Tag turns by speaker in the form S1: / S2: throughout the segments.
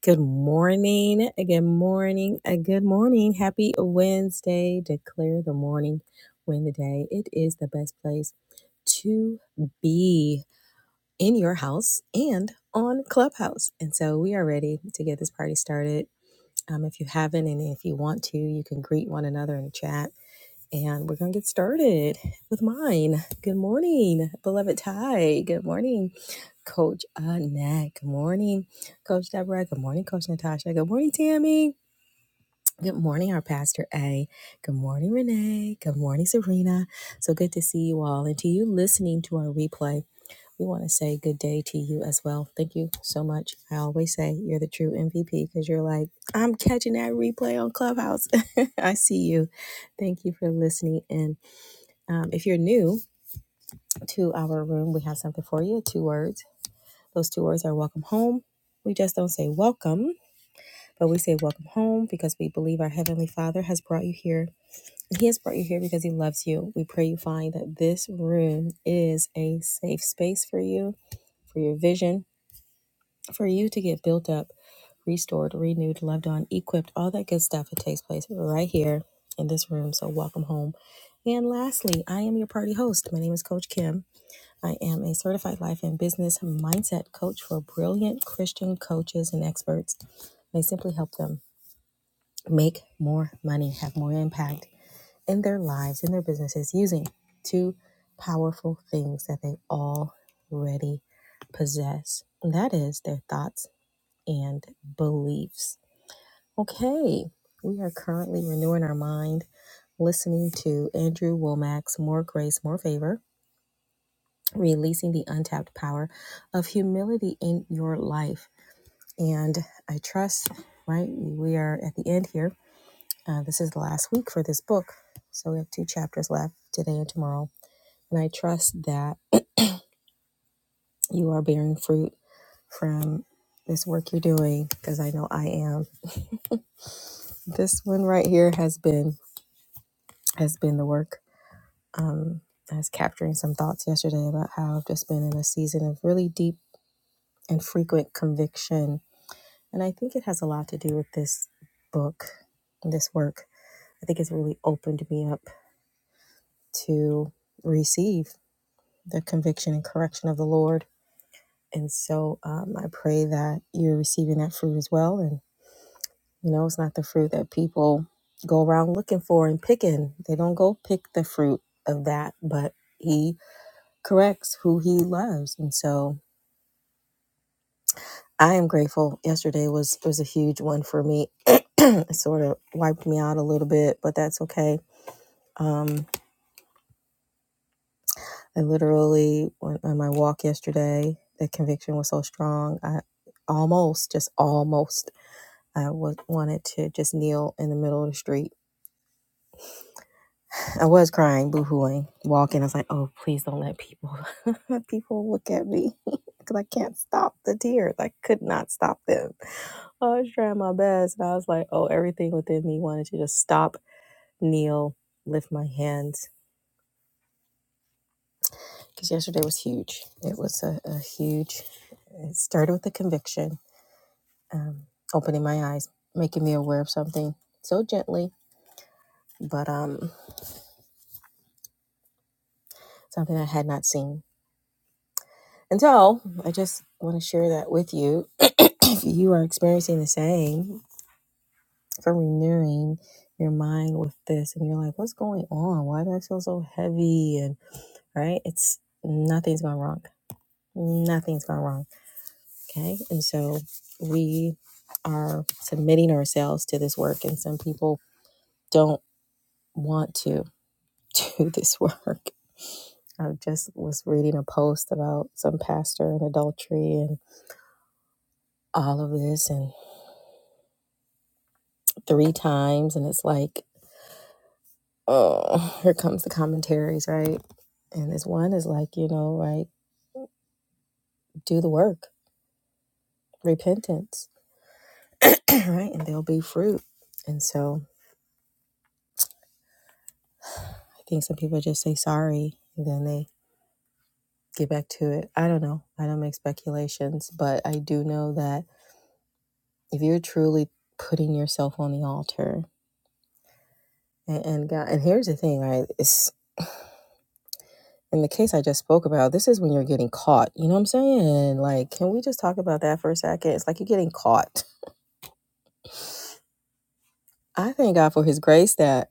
S1: Good morning. a Good morning. A good morning. Happy Wednesday. Declare the morning win the day. It is the best place to be in your house and on Clubhouse. And so we are ready to get this party started. Um, if you haven't, and if you want to, you can greet one another in the chat. And we're going to get started with mine. Good morning, beloved Ty. Good morning. Coach Annette. Good morning, Coach Deborah. Good morning, Coach Natasha. Good morning, Tammy. Good morning, our Pastor A. Good morning, Renee. Good morning, Serena. So good to see you all. And to you listening to our replay, we want to say good day to you as well. Thank you so much. I always say you're the true MVP because you're like, I'm catching that replay on Clubhouse. I see you. Thank you for listening. And um, if you're new to our room, we have something for you two words those two words are welcome home. We just don't say welcome, but we say welcome home because we believe our Heavenly Father has brought you here. And He has brought you here because He loves you. We pray you find that this room is a safe space for you, for your vision, for you to get built up, restored, renewed, loved on, equipped, all that good stuff. It takes place right here in this room. So, welcome home. And lastly, I am your party host. My name is Coach Kim. I am a certified life and business mindset coach for brilliant Christian coaches and experts. And I simply help them make more money, have more impact in their lives, in their businesses, using two powerful things that they already possess. And that is their thoughts and beliefs. Okay, we are currently renewing our mind, listening to Andrew Womack's More Grace, More Favor releasing the untapped power of humility in your life. And I trust, right? We are at the end here. Uh, this is the last week for this book. So we have two chapters left today and tomorrow. And I trust that you are bearing fruit from this work you're doing because I know I am. This one right here has been has been the work. I was capturing some thoughts yesterday about how I've just been in a season of really deep and frequent conviction And I think it has a lot to do with this book, this work. I think it's really opened me up to receive the conviction and correction of the Lord. And so um, I pray that you're receiving that fruit as well. And, you know, it's not the fruit that people go around looking for and picking, they don't go pick the fruit of that, but He corrects who He loves. And so I am grateful. Yesterday was was a huge one for me. it sort of wiped me out a little bit, but that's okay Um, I literally, went on my walk yesterday, the conviction was so strong. I almost, just almost, I was wanted to just kneel in the middle of the street. I was crying, boo-hooing, walking. I was like, "Oh, please don't let people, people look at me, because I can't stop the tears. I could not stop them. I was trying my best, and I was like, "Oh, everything within me wanted to just stop, kneel, lift my hands." because yesterday was huge. It was a, a huge. It started with a conviction, um, opening my eyes, making me aware of something so gently, but um, something I had not seen. And so I just want to share that with you. If you are experiencing the same, for renewing your mind with this, and you're like, "What's going on? Why do I feel so heavy?" And right, it's nothing's gone wrong. Nothing's gone wrong Okay. And so we are submitting ourselves to this work, and some people don't want to do this work. I just was reading a post about some pastor and adultery and all of this, and three times, and it's like, oh, here comes the commentaries, right? And this one is like, you know, right, do the work, repentance, right? And there'll be fruit. And so I think some people just say sorry, and then they get back to it. I don't know. I don't make speculations, but I do know that if you're truly putting yourself on the altar and, and God, and here's the thing, right? It's in the case I just spoke about, this is when you're getting caught. You know what I'm saying? Like, can we just talk about that for a second? It's like you're getting caught. I thank God for his grace that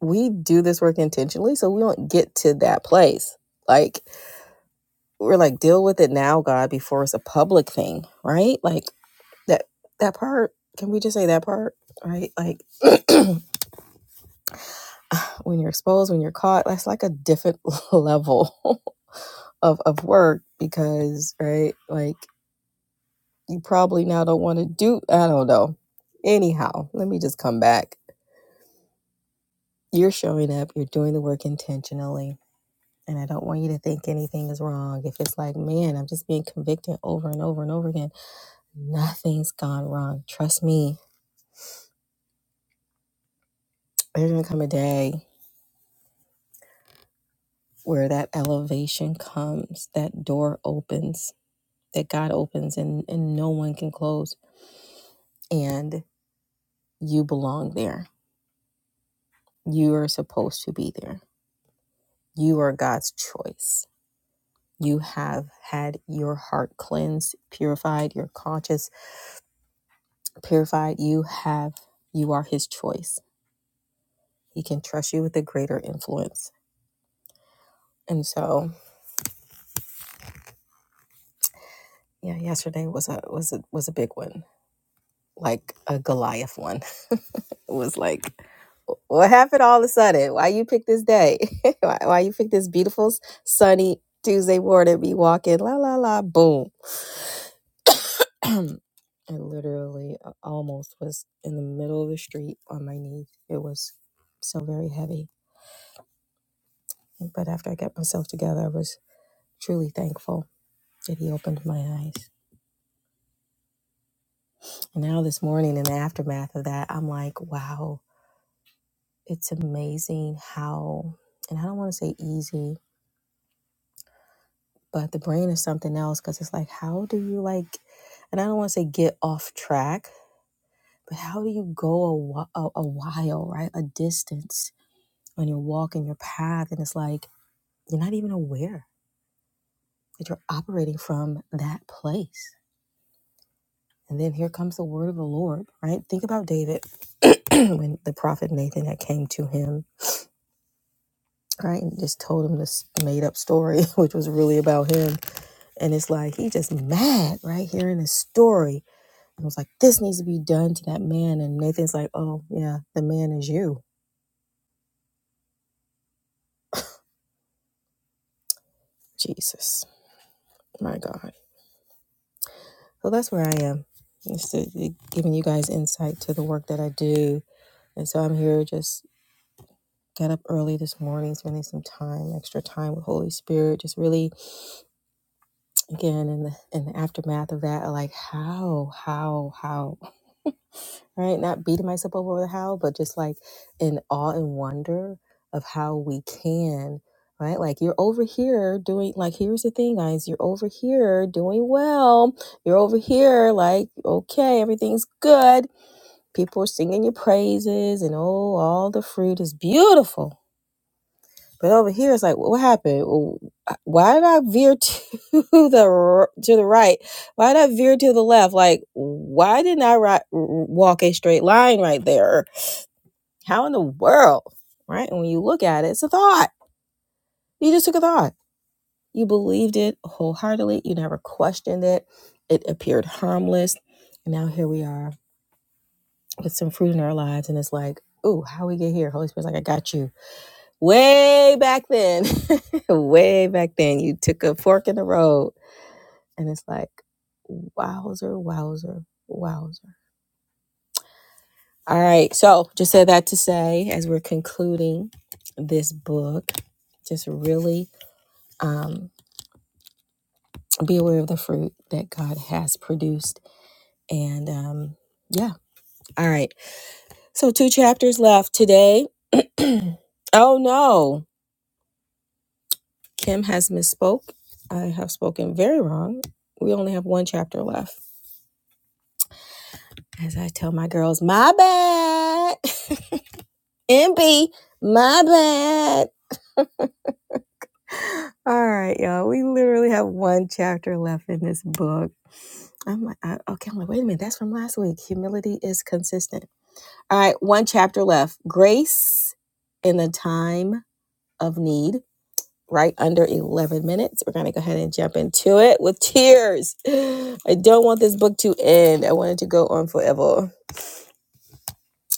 S1: we do this work intentionally so we don't get to that place. Like, we're like, deal with it now, God, before it's a public thing, right? Like, that that part can we just say that part right like when you're exposed when you're caught that's like a different level of of work because right like you probably now don't want to do i don't know anyhow let me just come back you're showing up you're doing the work intentionally and i don't want you to think anything is wrong if it's like man i'm just being convicted over and over and over again nothing's gone wrong trust me there's gonna come a day where that elevation comes, that door opens, that God opens and, and no one can close. And you belong there. You are supposed to be there. You are God's choice. You have had your heart cleansed, purified, your conscience purified. You have, you are His choice. He can trust you with a greater influence. And so, yeah, yesterday was a was a was a big one, like a Goliath one was like, what happened all of a sudden? Why you pick this day? why, why you pick this beautiful sunny Tuesday morning? Be walking la la la boom. I literally uh, almost was in the middle of the street on my knees. It was so very heavy. But after I got myself together, I was truly thankful that he opened my eyes. And now this morning, in the aftermath of that, I'm like, wow, it's amazing how. And I don't want to say easy but the brain is something else because it's like how do you like and i don't want to say get off track but how do you go a, wh- a, a while right a distance on your walk and your path and it's like you're not even aware that you're operating from that place and then here comes the word of the lord right think about david when the prophet nathan had came to him right and just told him this made up story which was really about him and it's like he just mad right hearing this story I was like, this needs to be done to that man. And Nathan's like, oh, yeah, the man is you. Jesus, my God. So that's where I am. It's to- it- giving you guys insight to the work that I do. And so I'm here just got up early this morning, spending some time, extra time with Holy Spirit, just really, again, in the, in the aftermath of that, like how, how, how? right? Not beating myself up over how, but just like in awe and wonder of how we can, right? Like you're over here doing, like, here's the thing, guys, you're over here doing well. You're over here, like, okay, everything's good. People are singing your praises, and oh, all the fruit is beautiful but over here, it's like, what happened? Why did I veer to the r- to the right? Why did I veer to the left? Like, why didn't I ri- walk a straight line right there? How in the world, right? And when you look at it, it's a thought. You just took a thought. You believed it wholeheartedly. You never questioned it. It appeared harmless. And now here we are with some fruit in our lives, and it's like, ooh, how we get here? Holy Spirit's like, I got you way back then, way back then, you took a fork in the road. And it's like, wowzer, wowzer, wowzer. All right. So just said that to say, as we're concluding this book, just really um, be aware of the fruit that God has produced. And um, yeah. All right. So two chapters left today. oh, no. Kim has misspoke. I have spoken very wrong. We only have one chapter left. As I tell my girls, my bad. MB, my bad. All right, y'all. We literally have one chapter left in this book. I'm like, I, okay, I'm like, wait a minute. That's from last week. Humility is consistent. All right, one chapter left. Grace in the time of need, right under 11 minutes. We're going to go ahead and jump into it with tears. I don't want this book to end. I want it to go on forever.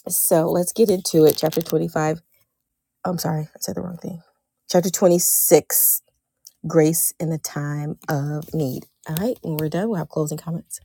S1: So let's get into it. Chapter 25 I'm sorry, I said the wrong thing. Chapter 26 Grace in the Time of Need. All right, when we're done, we'll have closing comments.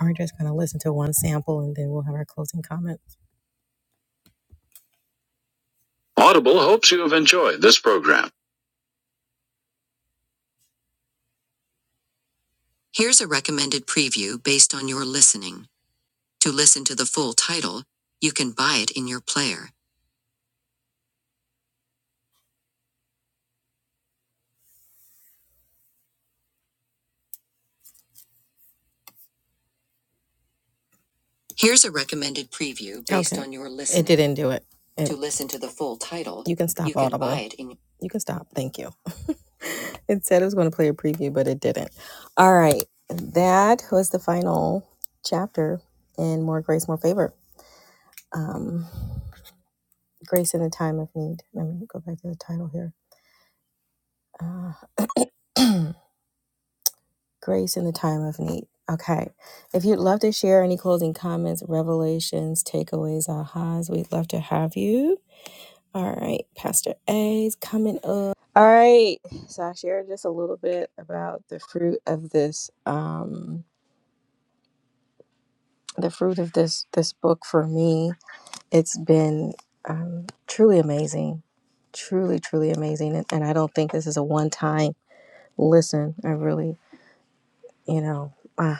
S1: We're just going to listen to one sample and then we'll have our closing comments. Audible hopes you have enjoyed this program. Didn't do it. can stop. You can stop. Thank you. it said it was going to play a preview, but it didn't. All right. That was the final chapter in More Grace, More Favor. Um, Grace in the Time of Need. Let me go back to the title here. Uh, Grace in the time of need. Okay. If you'd love to share any closing comments, revelations, takeaways, ahas, we'd love to have you. All right. Pastor A's coming up. All right. So I shared just a little bit about the fruit of this, um, the fruit of this this book for me. It's been um, truly amazing. Truly, truly amazing. And, and I don't think this is a one time listen. I really, you know. uh,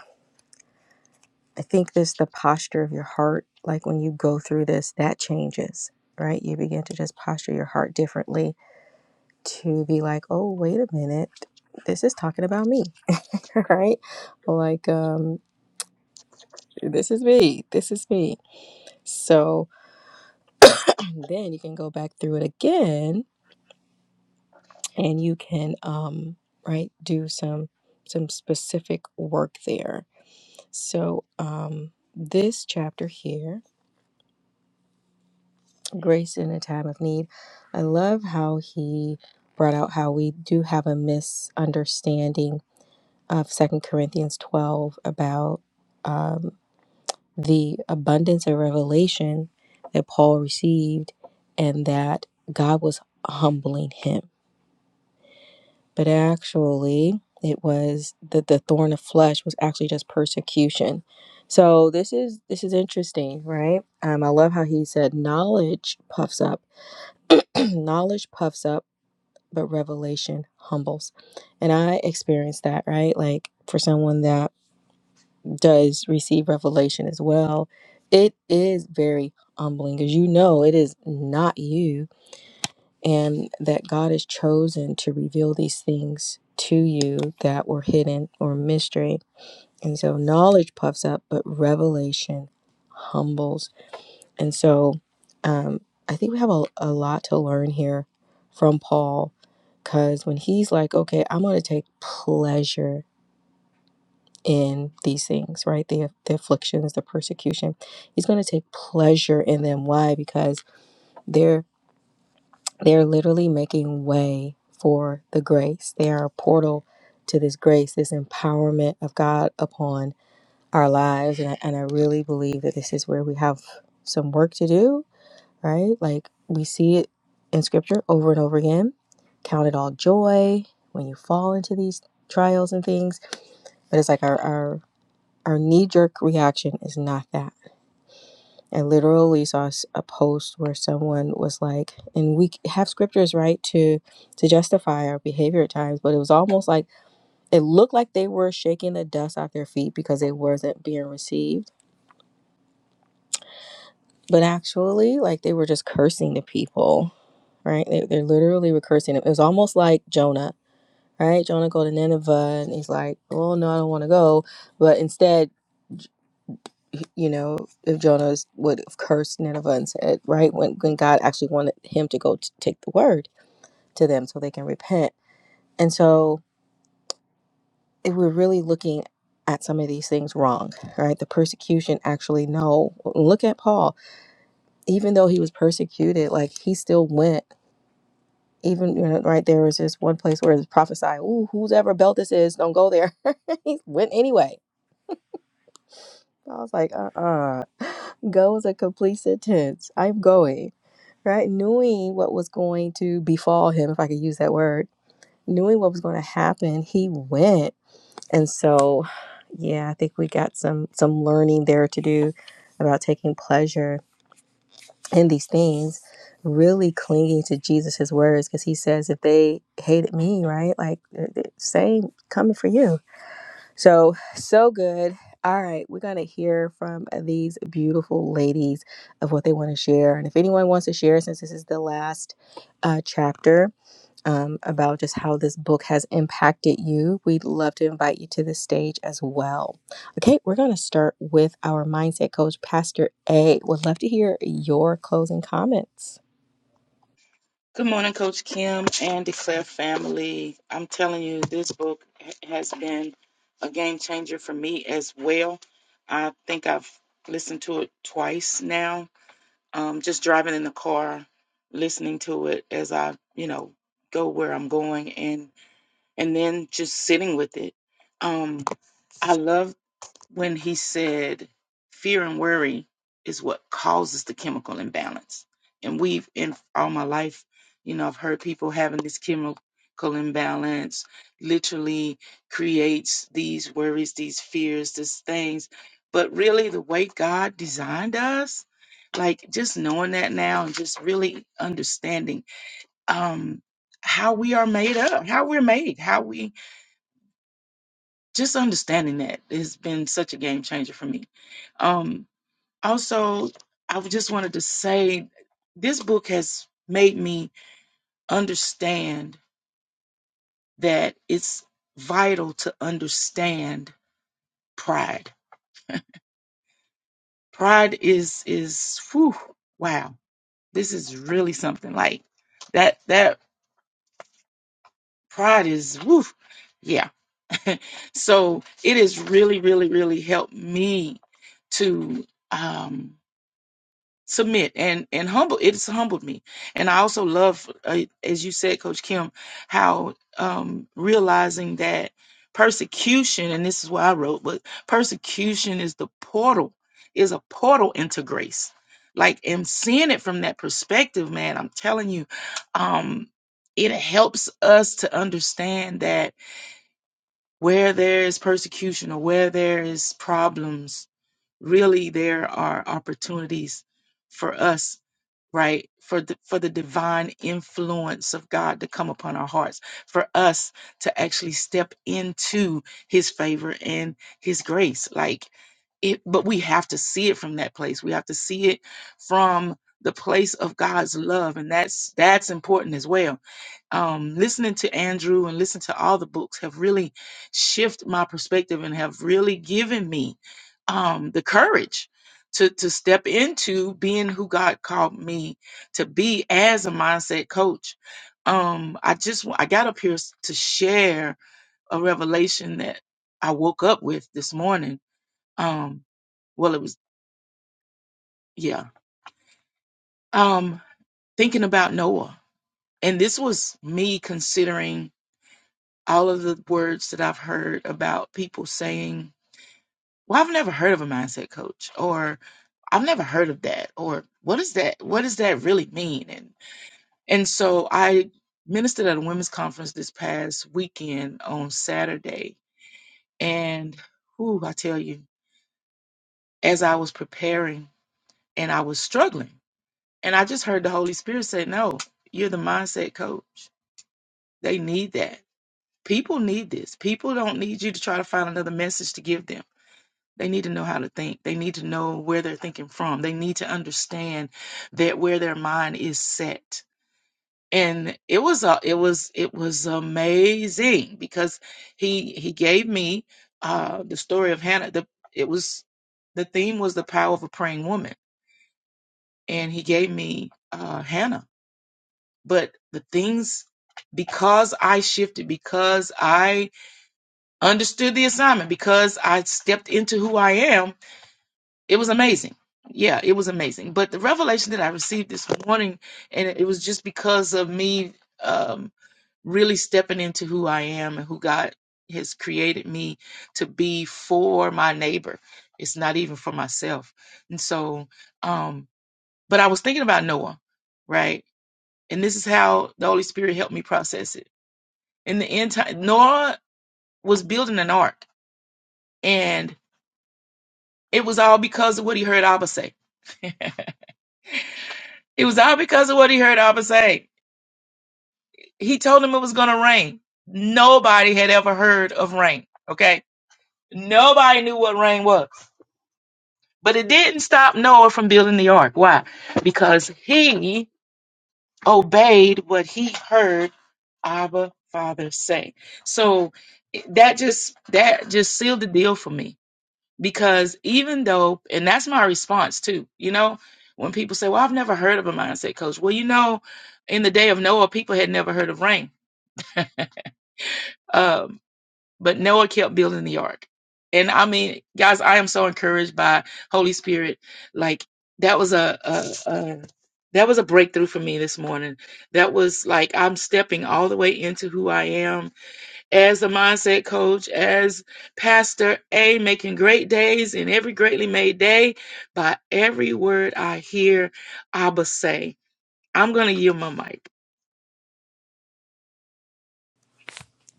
S1: I think this the posture of your heart, like when you go through this, that changes, right? You begin to just posture your heart differently to be like, oh, wait a minute, this is talking about me, right? Like, um, this is me, this is me. So and then you can go back through it again, and you can, um, right, do some some specific work there. So um, this chapter here grace in a time of need. I love how he brought out how we do have a misunderstanding of Second Corinthians 12 about um, the abundance of revelation that Paul received and that God was humbling him. But actually, it was that the thorn of flesh was actually just persecution. So this is this is interesting, right? Um, I love how he said knowledge puffs up. knowledge puffs up but revelation humbles. And I experienced that, right? Like for someone that does receive revelation as well, it is very humbling because you know it is not you and that God has chosen to reveal these things to you that were hidden or mystery. And so knowledge puffs up, but revelation humbles. And so um, I think we have a, a lot to learn here from Paul Because when he's like, okay, I'm going to take pleasure in these things, right? The, the afflictions, the persecution, he's going to take pleasure in them. Why? Because they're they're literally making way for the grace. They are a portal to this grace, this empowerment of God upon our lives. And I, and I really believe that this is where we have some work to do right? Like we see it in scripture over and over again. Count it all joy when you fall into these trials and things. But it's like our, our, our knee jerk reaction is not that. I literally saw a post where someone was like, and we have scriptures, right, to to justify our behavior at times, but it was almost like it looked like they were shaking the dust off their feet because it wasn't being received. But actually, like they were just cursing the people right? They, they are literally recursing cursing him. It was almost like Jonah, right? Jonah go to Nineveh, and he's like, "Oh no, I don't want to go." But instead, you know, if Jonah would have cursed Nineveh and said, right, when when God actually wanted him to go to take the word to them so they can repent, and so if we're really looking at some of these things wrong, right? The persecution actually no. Look at Paul. Even though he was persecuted, like he still went even you know, right there is this one place where it's prophesied, ooh, whoever ever belt this is, don't go there. he went anyway. I was like, uh-uh. Go is a complete sentence. I'm going. Right? Knowing what was going to befall him, if I could use that word, knowing what was going to happen, he went. And so, yeah, I think we got some some learning there to do about taking pleasure In these things, really clinging to Jesus' words because he says, if they hated me, right? Like, eh, eh, same coming for you. So, so good. All right, we're going to hear from these beautiful ladies of what they want to share. And if anyone wants to share, since this is the last uh, chapter, um, about just how this book has impacted you, we'd love to invite you to the stage as well. Okay, we're going to start with our mindset coach, Pastor A. Would love to hear your closing comments.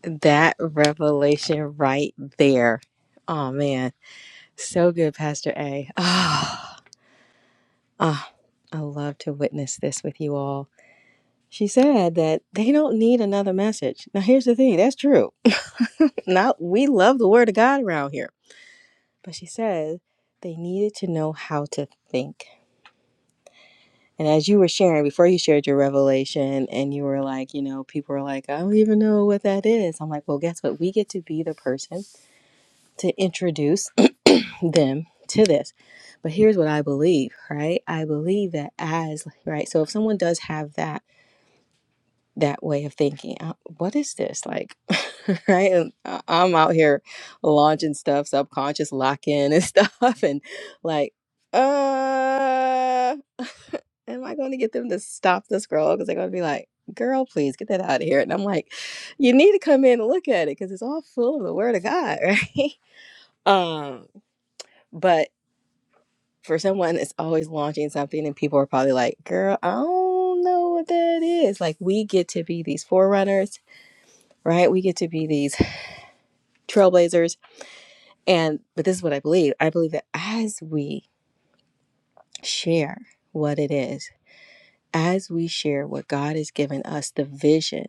S1: That revelation right there. Oh, man. So good, Pastor A. Ah, ah, I love to witness this with you all. She said that they don't need another message. Now, here's the thing that's true. now, we love the word of God around here But she said they needed to know how to think. And as you were sharing, before you shared your revelation, and you were like, you know, people are like, I don't even know what that is. I'm like, well, guess what? We get to be the person to introduce them to this. But here's what I believe, right? I believe that as, right? So if someone does have that that way of thinking. Uh, What is this like? right? And I- I'm out here launching stuff, subconscious lock in and stuff, and like, uh, am I going to get them to stop the scroll? Because they're going to be like, girl, please get that out of here. And I'm like, you need to come in and look at it because it's all full of the word of God, right? um, but for someone that's always launching something, and people are probably like, girl, I don't know what that is. Like, we get to be these forerunners right? We get to be these trailblazers. And, but this is what I believe I believe that as we share what it is, as we share what God has given us, the vision,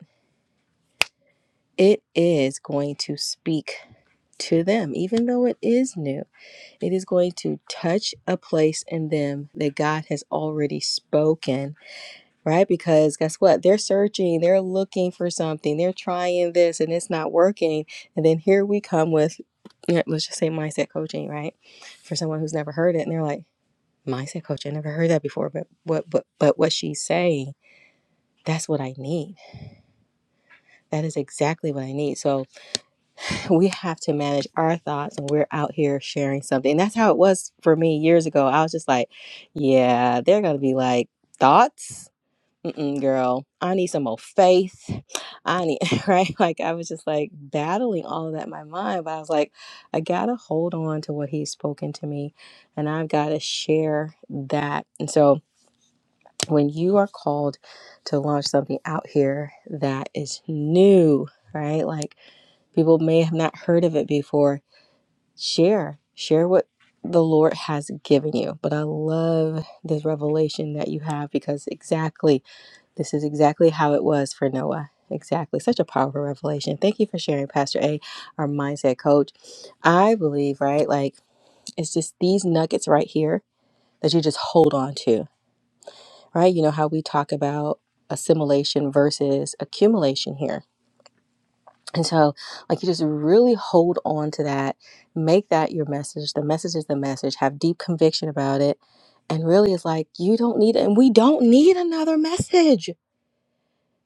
S1: it is going to speak to them, even though it is new. It is going to touch a place in them that God has already spoken right? Because guess what? They're searching, they're looking for something, they're trying this and it's not working. And then here we come with, yeah, let's just say mindset coaching, right? For someone who's never heard it and they're like, mindset coach, I never heard that before, but what, but, but what she's saying, that's what I need. That is exactly what I need. So we have to manage our thoughts and we're out here sharing something. And that's how it was for me years ago. I was just like, yeah, they're going to be like, thoughts? Mm-mm, girl, I need some more faith. I need, right? Like, I was just like battling all of that in my mind, but I was like, I gotta hold on to what he's spoken to me and I've gotta share that. And so, when you are called to launch something out here that is new, right? Like, people may have not heard of it before, share, share what the Lord has given you. But I love this revelation that you have because exactly. This is exactly how it was for Noah. Exactly. Such a powerful revelation. Thank you for sharing, Pastor A, our mindset coach. I believe, right? Like, it's just these nuggets right here that you just hold on to, right? You know how we talk about assimilation versus accumulation here. And so, like, you just really hold on to that, make that your message. The message is the message. Have deep conviction about it. And really, it's like, you don't need, and we don't need another message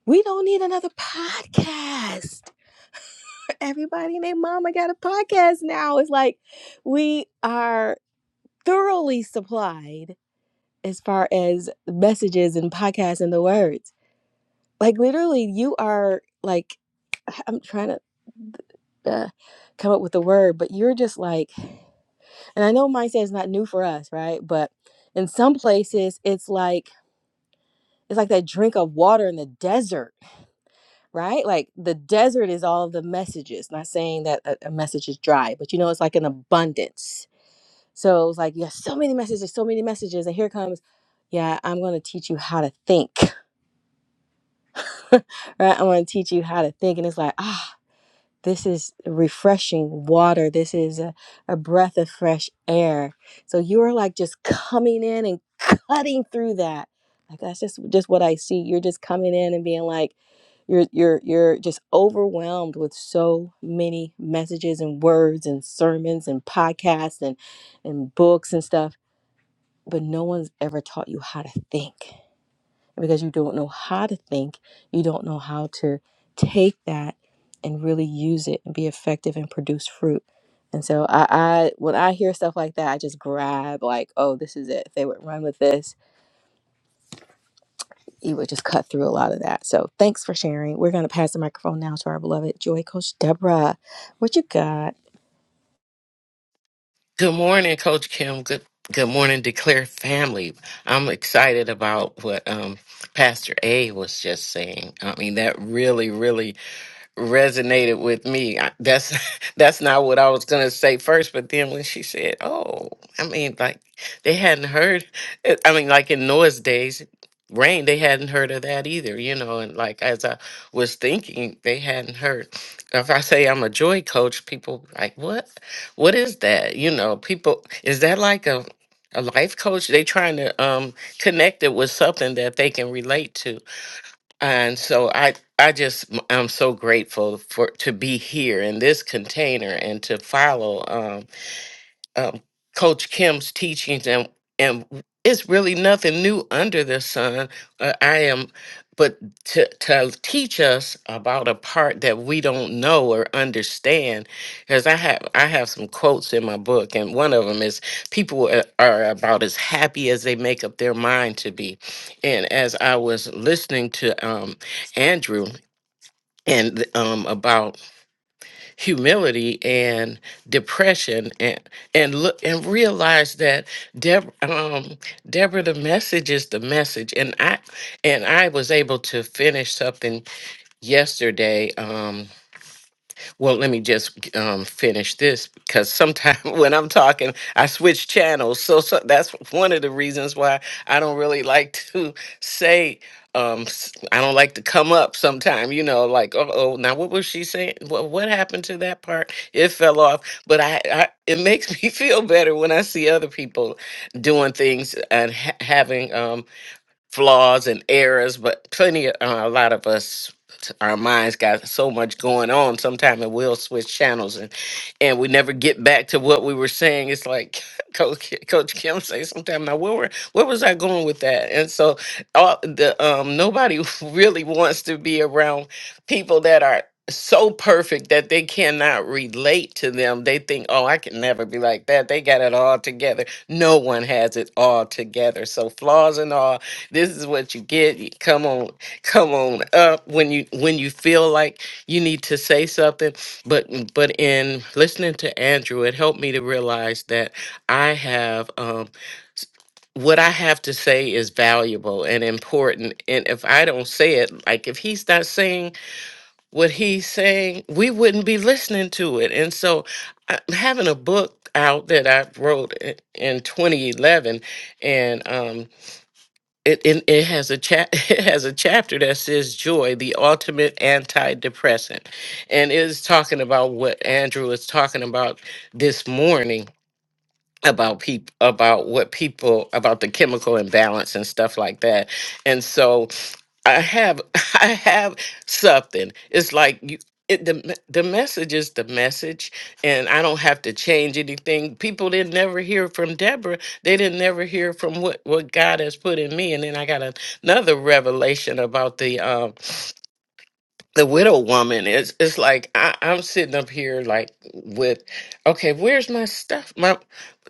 S1: We don't need another podcast. Everybody and their mama got a podcast now. It's like we are thoroughly supplied as far as messages and podcasts and the words. Like literally, you are like, I'm trying to uh, come up with the word, but you're just like, and I know mindset is not new for us, right? But in some places, it's like it's like that drink of water in the desert right? Like the desert is all of the messages. Not saying that a, a message is dry, but you know, it's like an abundance. So it's like, yeah, so many messages, so many messages. And here comes, yeah, I'm going to teach you how to think, right? I'm going to teach you how to think. And it's like, ah, this is refreshing water. This is a, a breath of fresh air. So you're like just coming in and cutting through that. Like that's just just what I see. You're just coming in and being like, you're you're you're just overwhelmed with so many messages and words and sermons and podcasts and and books and stuff, but no one's ever taught you how to think. And because you don't know how to think, you don't know how to take that and really use it and be effective and produce fruit. And so I, I when I hear stuff like that, I just grab like, oh, this is it. If they would run with this, it would just cut through a lot of that. So thanks for sharing. We're going to pass the microphone now to our beloved Joy Coach Deborah. What you got?
S2: Good morning, Coach Kim. Good good morning, Declare family. I'm excited about what um, Pastor A was just saying. I mean, that really, really resonated with me. I- That's that's not what I was gonna say first, but then when she said, "Oh, I mean, like they hadn't heard," it- I mean, like in Noah's days, rain, they hadn't heard of that either, you know. And like as I was thinking, they hadn't heard. If I say I'm a joy coach, people like, "What? What is that?" You know, people is that like a a life coach? They trying to um connect it with something that they can relate to and so i i just m- i'm so grateful for to be here in this container and to follow um, um, Coach Kim's teachings, and and it's really nothing new under the sun. Uh, I am, but to to teach us about a part that we don't know or understand, because I have I have some quotes in my book, and one of them is people are are about as happy as they make up their mind to be, and as I was listening to um, Andrew and um, about humility and depression and and look and realize that Deb, um, Deborah, the message is the message, and I and I was able to finish something yesterday. Um, well, let me just um, finish this because sometimes when I'm talking, I switch channels. So, so that's one of the reasons why I don't really like to say, um, s- I don't like to come up sometime, you know, like, oh, oh now what was she saying? What, what happened to that part? It fell off. But I, I, it makes me feel better when I see other people doing things and ha- having. um, flaws and errors, but plenty of uh, a lot of us, our minds got so much going on. Sometimes it will switch channels, and and we never get back to what we were saying. It's like Coach Coach Kim say sometimes now where were, where was I going with that? And so all the um nobody really wants to be around people that are so perfect that they cannot relate to them. They think, "Oh, I can never be like that. They got it all together." No one has it all together. So flaws and all, this is what you get You come on come on up when you when you feel like you need to say something but but in listening to andrew it helped me to realize that i have um what i have to say is valuable and important and if i don't say it like if he's not saying what he's saying we wouldn't be listening to it and so I- having a book out that i wrote i- in 2011 and um it, it, it has a cha- it has a chapter that says joy the ultimate antidepressant and it is talking about what andrew is talking about this morning about people about what people about the chemical imbalance and stuff like that and so I have I have something. It's like you it, the me- the message is the message, and I don't have to change anything. People didn't never hear from Deborah. They didn't never hear from what what God has put in me. And then I got an- another revelation about the um the widow woman is it's like I, I'm sitting up here like with okay where's my stuff my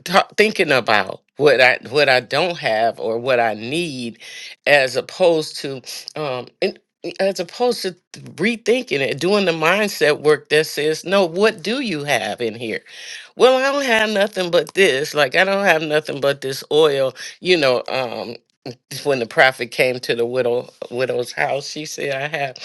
S2: ta thinking about what I what I don't have or what I need as opposed to um and as opposed to rethinking it doing the mindset work that says no what do you have in here well I don't have nothing but this like I don't have nothing but this oil you know um when the prophet came to the widow widow's house she said I have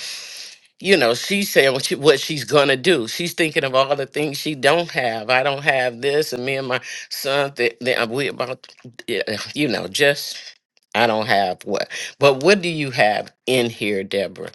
S2: you know, she's saying what, she, what she's gonna do. She's thinking of all the things she don't have. I don't have this, and me and my son, th- th- uh, we about, yeah, you know, just I don't have what. But what do you have in here, Deborah?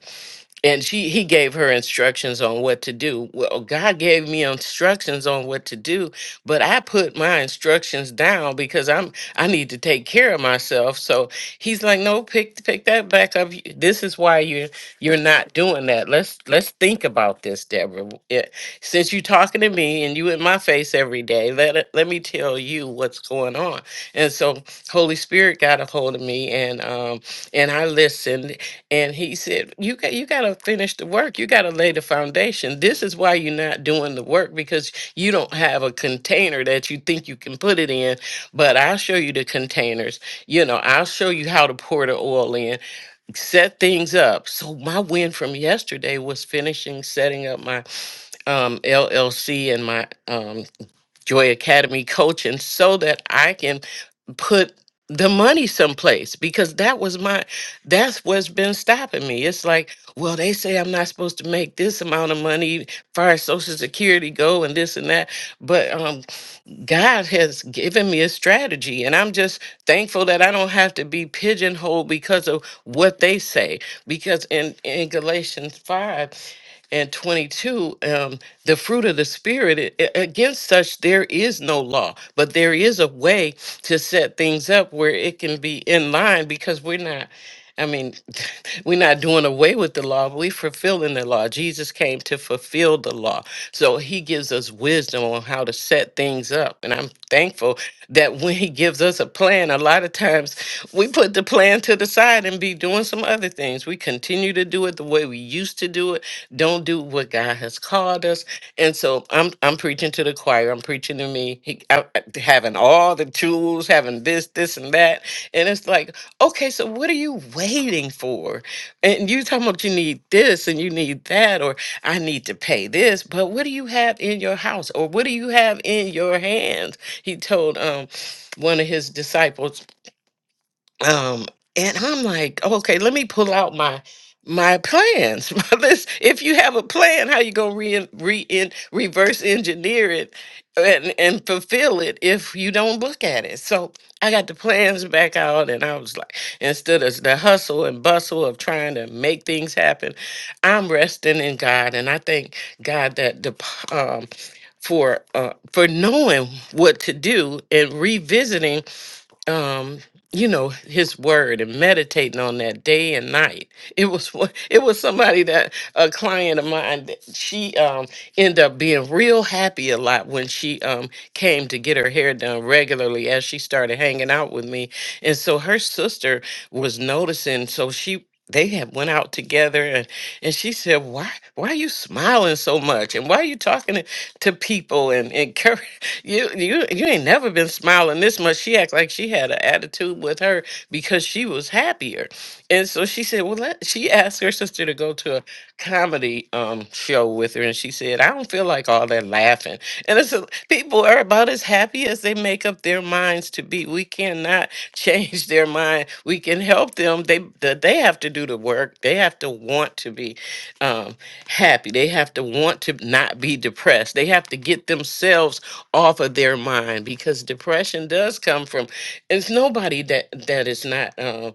S2: and she he gave her instructions on what to do well god gave me instructions on what to do but i put my instructions down because i'm i need to take care of myself so he's like no pick pick that back up You- this is why you're you're not doing that let's let's think about this deborah Yeah, since you're talking to me and you in my face every day let it- let me tell you what's going on and so holy spirit got a hold of me and um and i listened and he said, "You got you got to finish the work. You got to lay the foundation. This is why you're not doing the work because you don't have a container that you think you can put it in. But I'll show you the containers. You know, I'll show you how to pour the oil in, set things up. So my win from yesterday was finishing setting up my um, LLC and my um, Joy Academy coaching so that I can." put the money someplace because that was my that's what's been stopping me it's like well they say i'm not supposed to make this amount of money far as social security go and this and that but um god has given me a strategy and i'm just Thankful that I don't have to be pigeonholed because of what they say. Because in, in Galatians 5 and 22, um, the fruit of the Spirit, it- it- against such there is no law, but there is a way to set things up where it can be in line because we're not. I mean, we're not doing away with the law, but we're fulfilling the law. Jesus came to fulfill the law. So he gives us wisdom on how to set things up. And I'm thankful that when he gives us a plan, a lot of times we put the plan to the side and be doing some other things. We continue to do it the way we used to do it, don't do what God has called us. And so I'm I'm preaching to the choir. I'm preaching to me, he, I, I- having all the tools, having this, this, and that. And it's like, Okay, so what are you waiting for? And you talking about you need this and you need that, or I need to pay this, but what do you have in your house? Or what do you have in your hands? He told um one of his disciples um and i'm like "Oh, okay let me pull out my my plans my list if you have a plan how you gonna re, re in, reverse engineer it and and fulfill it if you don't look at it so i got the plans back out and i was like instead of the hustle and bustle of trying to make things happen i'm resting in god and i thank god that the p- um for uh, for knowing what to do and revisiting um you know his word and meditating on that day and night it was one- it was somebody that a client of mine that she um ended up being real happy a lot when she um came to get her hair done regularly as she started hanging out with me and so her sister was noticing so she they had went out together and, and she said why why are you smiling so much and why are you talking to, to people and encouraging you you you ain't never been smiling this much. She acts like she had an attitude with her because she was happier. And so she said, Well, let, she asked her sister to go to a comedy um show with her, and she said, I don't feel like all that laughing. And it's a, people are about as happy as they make up their minds to be. We cannot change their mind. We can help them. They that they have to do the work. They have to want to be. Um, happy. They have to want to not be depressed. They have to get themselves off of their mind because depression does come from. It's nobody that that is not. um,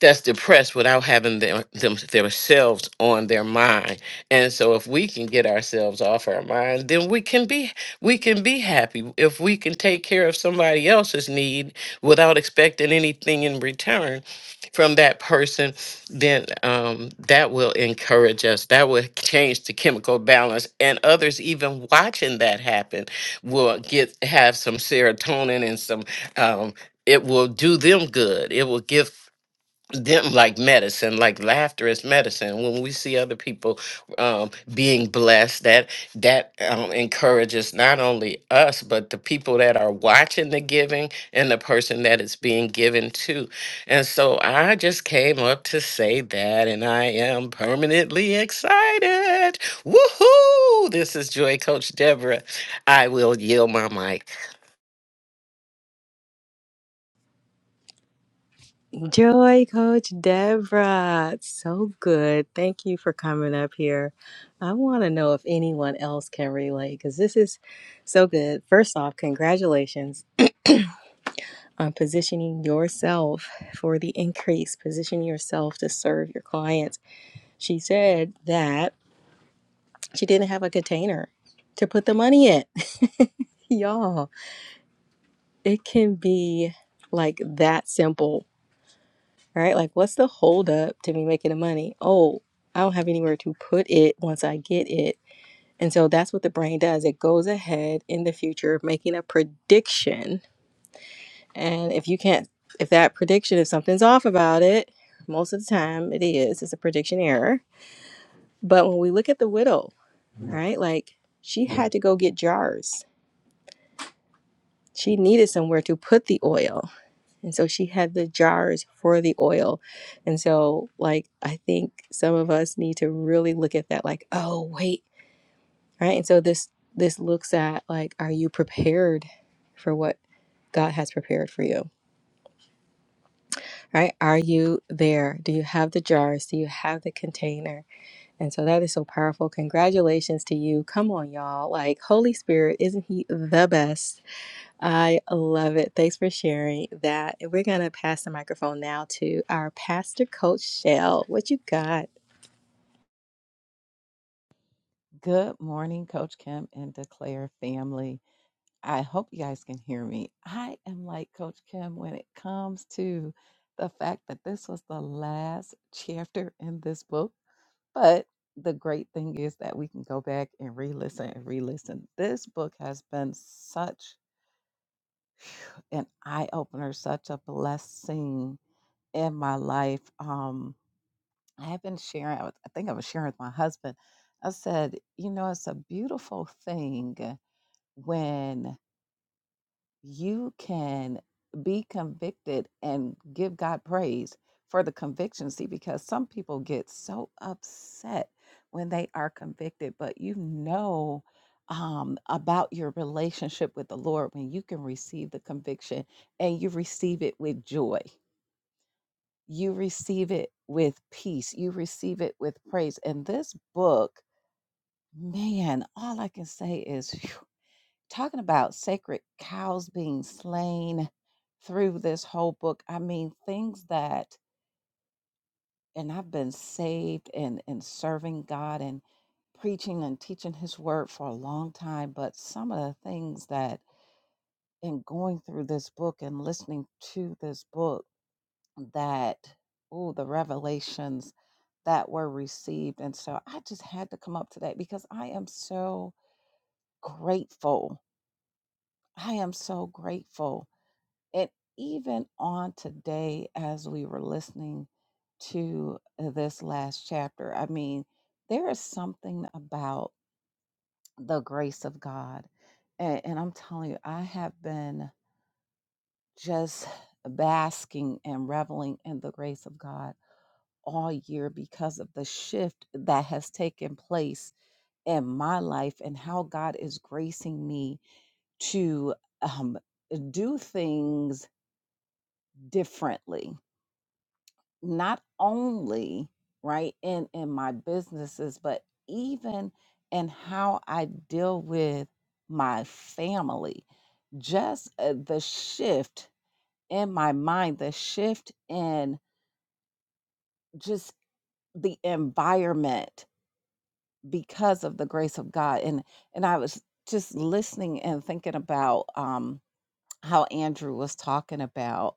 S2: that's depressed without having them, them themselves on their mind. And so if we can get ourselves off our mind, then we can be we can be happy. If we can take care of somebody else's need without expecting anything in return from that person, then um, that will encourage us. That will change the chemical balance. And others even watching that happen will get have some serotonin and some um, it will do them good. It will give them like medicine like laughter is medicine when we see other people um, being blessed that that um, encourages not only us but the people that are watching the giving and the person that it's being given to and so i just came up to say that and i am permanently excited woohoo this is joy coach deborah i will yield my mic
S1: Joy Coach Deborah. So good. Thank you for coming up here. I want to know if anyone else can relate because this is so good. First off, congratulations on positioning yourself for the increase, positioning yourself to serve your clients. She said that she didn't have a container to put the money in. Y'all. it can be like that simple, right? Like, what's the holdup to me making the money? Oh, I don't have anywhere to put it once I get it. And so that's what the brain does. It goes ahead in the future, making a prediction. And if you can't, if that prediction, if something's off about it, most of the time it is, it's a prediction error. But when we look at the widow, right? Like, she had to go get jars. She needed somewhere to put the oil And so she had the jars for the oil. And so, like, I think some of us need to really look at that, like, oh, wait, right? And so this this looks at like, are you prepared for what God has prepared for you? Right? Are you there? Do you have the jars? Do you have the container? And so that is so powerful. Congratulations to you. Come on, y'all. Like, Holy Spirit, isn't he the best? I love it. Thanks for sharing that. And We're going to pass the microphone now to our pastor, Coach Shell. What you got?
S3: Good morning, Coach Kim and Declare family. I hope you guys can hear me. I am like Coach Kim when it comes to the fact that this was the last chapter in this book. But the great thing is that we can go back and re listen and re listen. This book has been such an eye opener, such a blessing in my life. Um, I have been sharing, I was- I think I was sharing with my husband. I said, you know, it's a beautiful thing when you can be convicted and give God praise for the conviction. See, because some people get so upset when they are convicted, but you know um, about your relationship with the Lord when you can receive the conviction and you receive it with joy. You receive it with peace. You receive it with praise. And this book, man, all I can say is phew, talking about sacred cows being slain through this whole book i mean things that and i've been saved and and serving god and preaching and teaching his word for a long time but some of the things that in going through this book and listening to this book that oh the revelations that were received and so i just had to come up today because i am so grateful i am so grateful And even on today, as we were listening to this last chapter, I mean, there is something about the grace of God. And, and I'm telling you, I have been just basking and reveling in the grace of God all year because of the shift that has taken place in my life and how God is gracing me to um, do things differently not only right in in my businesses but even in how i deal with my family just uh, the shift in my mind the shift in just the environment because of the grace of god and and i was just listening and thinking about um how andrew was talking about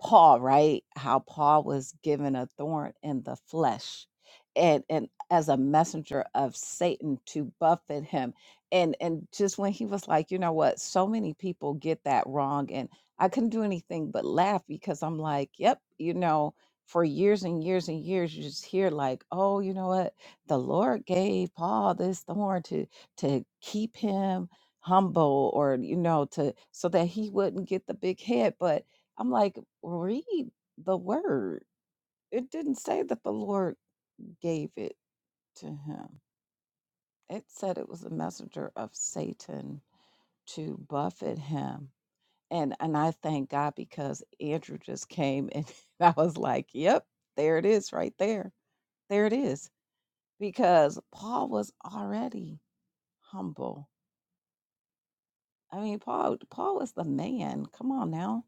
S3: Paul, right? How Paul was given a thorn in the flesh and and as a messenger of Satan to buffet him. And and just when he was like, you know what, so many people get that wrong. And I couldn't do anything but laugh because I'm like, yep, you know, for years and years and years you just hear like, oh, you know what, the Lord gave Paul this thorn to to keep him humble or you know to so that he wouldn't get the big head. But I'm like read the word. It didn't say that the Lord gave it to him, it said it was a messenger of Satan to buffet him. And, and I thank God because Andrew just came and I was like, yep, there it is right there. There it is. Because Paul was already humble. I mean, Paul Paul was the man. Come on now.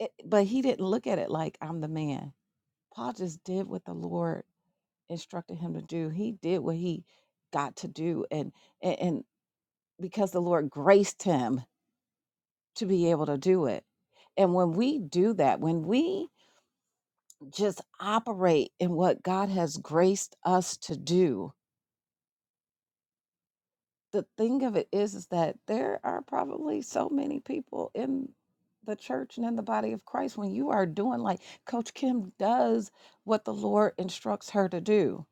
S3: It, but he didn't look at it like I'm the man. Paul just did what the Lord instructed him to do. He did what he got to do and and, and because the Lord graced him to be able to do it. And when we do that, when we just operate in what God has graced us to do, the thing of it is is that there are probably so many people in the church and in the body of Christ when you are doing like Coach Kim does what the Lord instructs her to do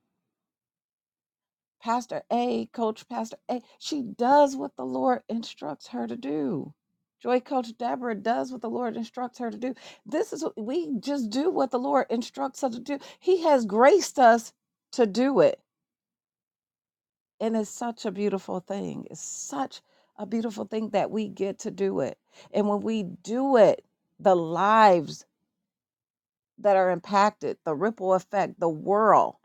S3: Pastor A, Coach Pastor A, she does what the Lord instructs her to do. Joy Coach Deborah does what the Lord instructs her to do. This is what we just do what the Lord instructs us to do. He has graced us to do it. And it's such a beautiful thing. It's such a beautiful thing that we get to do it. And when we do it, the lives that are impacted, the ripple effect, the world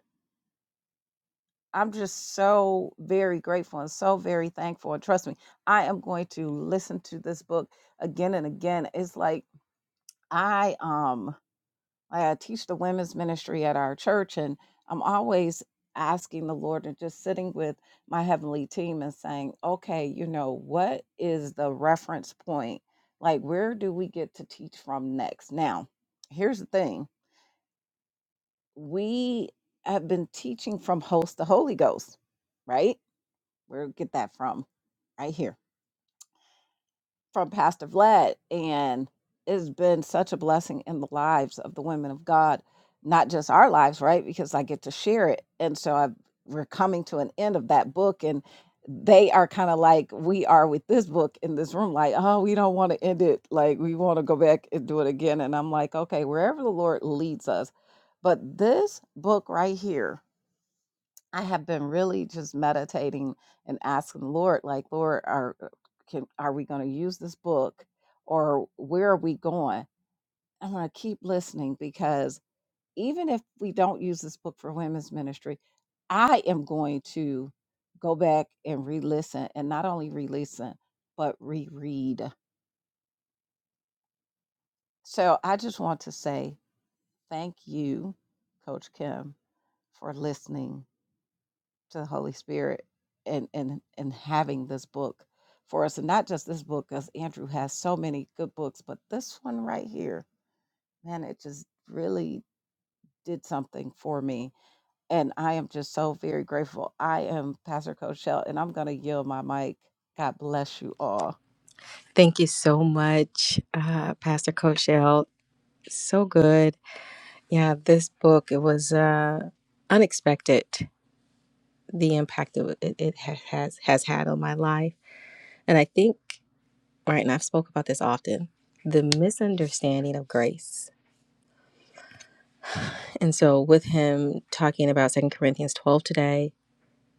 S3: I'm just so very grateful and so very thankful. And trust me, I am going to listen to this book again and again. It's like I um I teach the women's ministry at our church and I'm always asking the Lord and just sitting with my heavenly team and saying, "Okay, you know, what is the reference point? Like where do we get to teach from next?" Now, here's the thing. We have been teaching from host to Holy Ghost, right? where get that from right here from pastor vlad and it's been such a blessing in the lives of the women of god not just our lives right because i get to share it and so i we're coming to an end of that book and they are kind of like we are with this book in this room like oh we don't want to end it like we want to go back and do it again and i'm like okay wherever the lord leads us but this book right here I have been really just meditating and asking the Lord, like, Lord, are uh, can are we going to use this book, or where are we going? I'm going to keep listening because even if we don't use this book for women's ministry, I am going to go back and re-listen, and not only re-listen but reread. So I just want to say thank you, Coach Kim, for listening to the Holy Spirit and and and having this book for us, and not just this book, because Andrew has so many good books, but this one right here, man, it just really did something for me, and I am just so very grateful. I am Pastor Coach Shell, and I'm gonna yield my mic. God bless you all.
S1: Thank you so much, uh, Pastor Coach Shell. So good. Yeah, this book, it was uh, unexpected, the impact that it, it ha- has, has had on my life. And I think, right, and I've spoke about this often, the misunderstanding of grace. And so with him talking about Second Corinthians 12 today,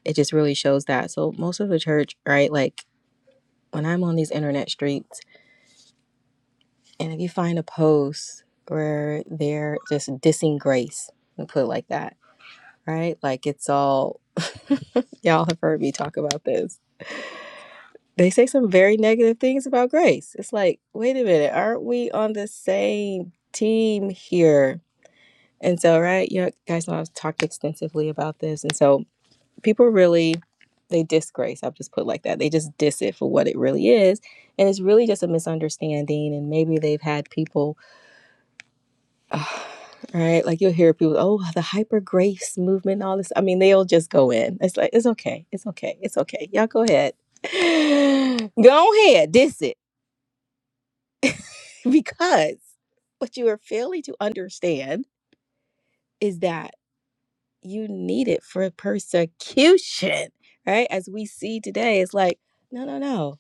S1: it just really shows that. So most of the church, right? Like when I'm on these internet streets, and if you find a post where they're just dissing grace, and put it like that, right? Like it's all y'all have heard me talk about this. They say some very negative things about grace. It's like, wait a minute, aren't we on the same team here? And so, right, you know, guys know I've talked extensively about this, and so people really they disgrace i'll just put like that they just diss it for what it really is and it's really just a misunderstanding and maybe they've had people uh, right like you'll hear people oh the hyper grace movement all this i mean they'll just go in it's like it's okay it's okay it's okay y'all go ahead go ahead diss it because what you are failing to understand is that you need it for persecution right as we see today it's like no no no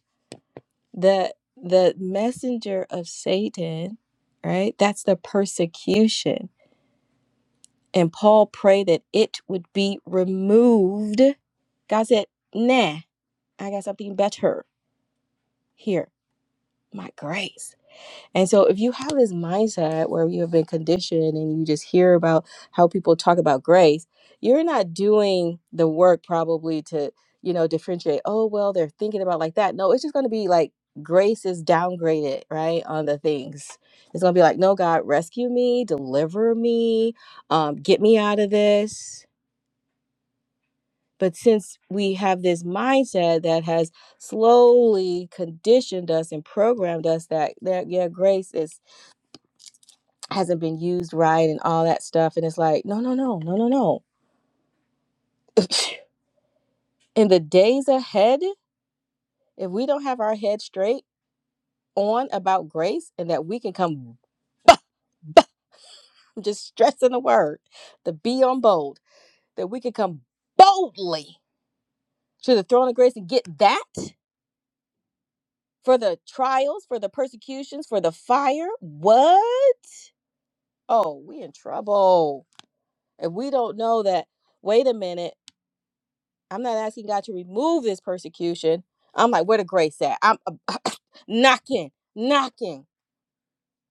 S1: the the messenger of satan right that's the persecution and paul prayed that it would be removed god said nah i got something better here my grace And so, if you have this mindset where you have been conditioned and you just hear about how people talk about grace, you're not doing the work probably to, you know, differentiate, oh, well, they're thinking about like that. No, it's just going to be like grace is downgraded, right? On the things. It's going to be like, no, God, rescue me, deliver me, um, get me out of this. But since we have this mindset that has slowly conditioned us and programmed us that, that yeah, grace is hasn't been used right and all that stuff. And it's like, no, no, no, no, no, no. In the days ahead, if we don't have our head straight on about grace and that we can come, i I'm just stressing the word, the be on bold, that we can come boldly to the throne of grace and get that for the trials, for the persecutions, for the fire. What? Oh, we in trouble. And we don't know that, wait a minute. I'm not asking God to remove this persecution. I'm like, where the grace at? I'm uh, knocking, knocking,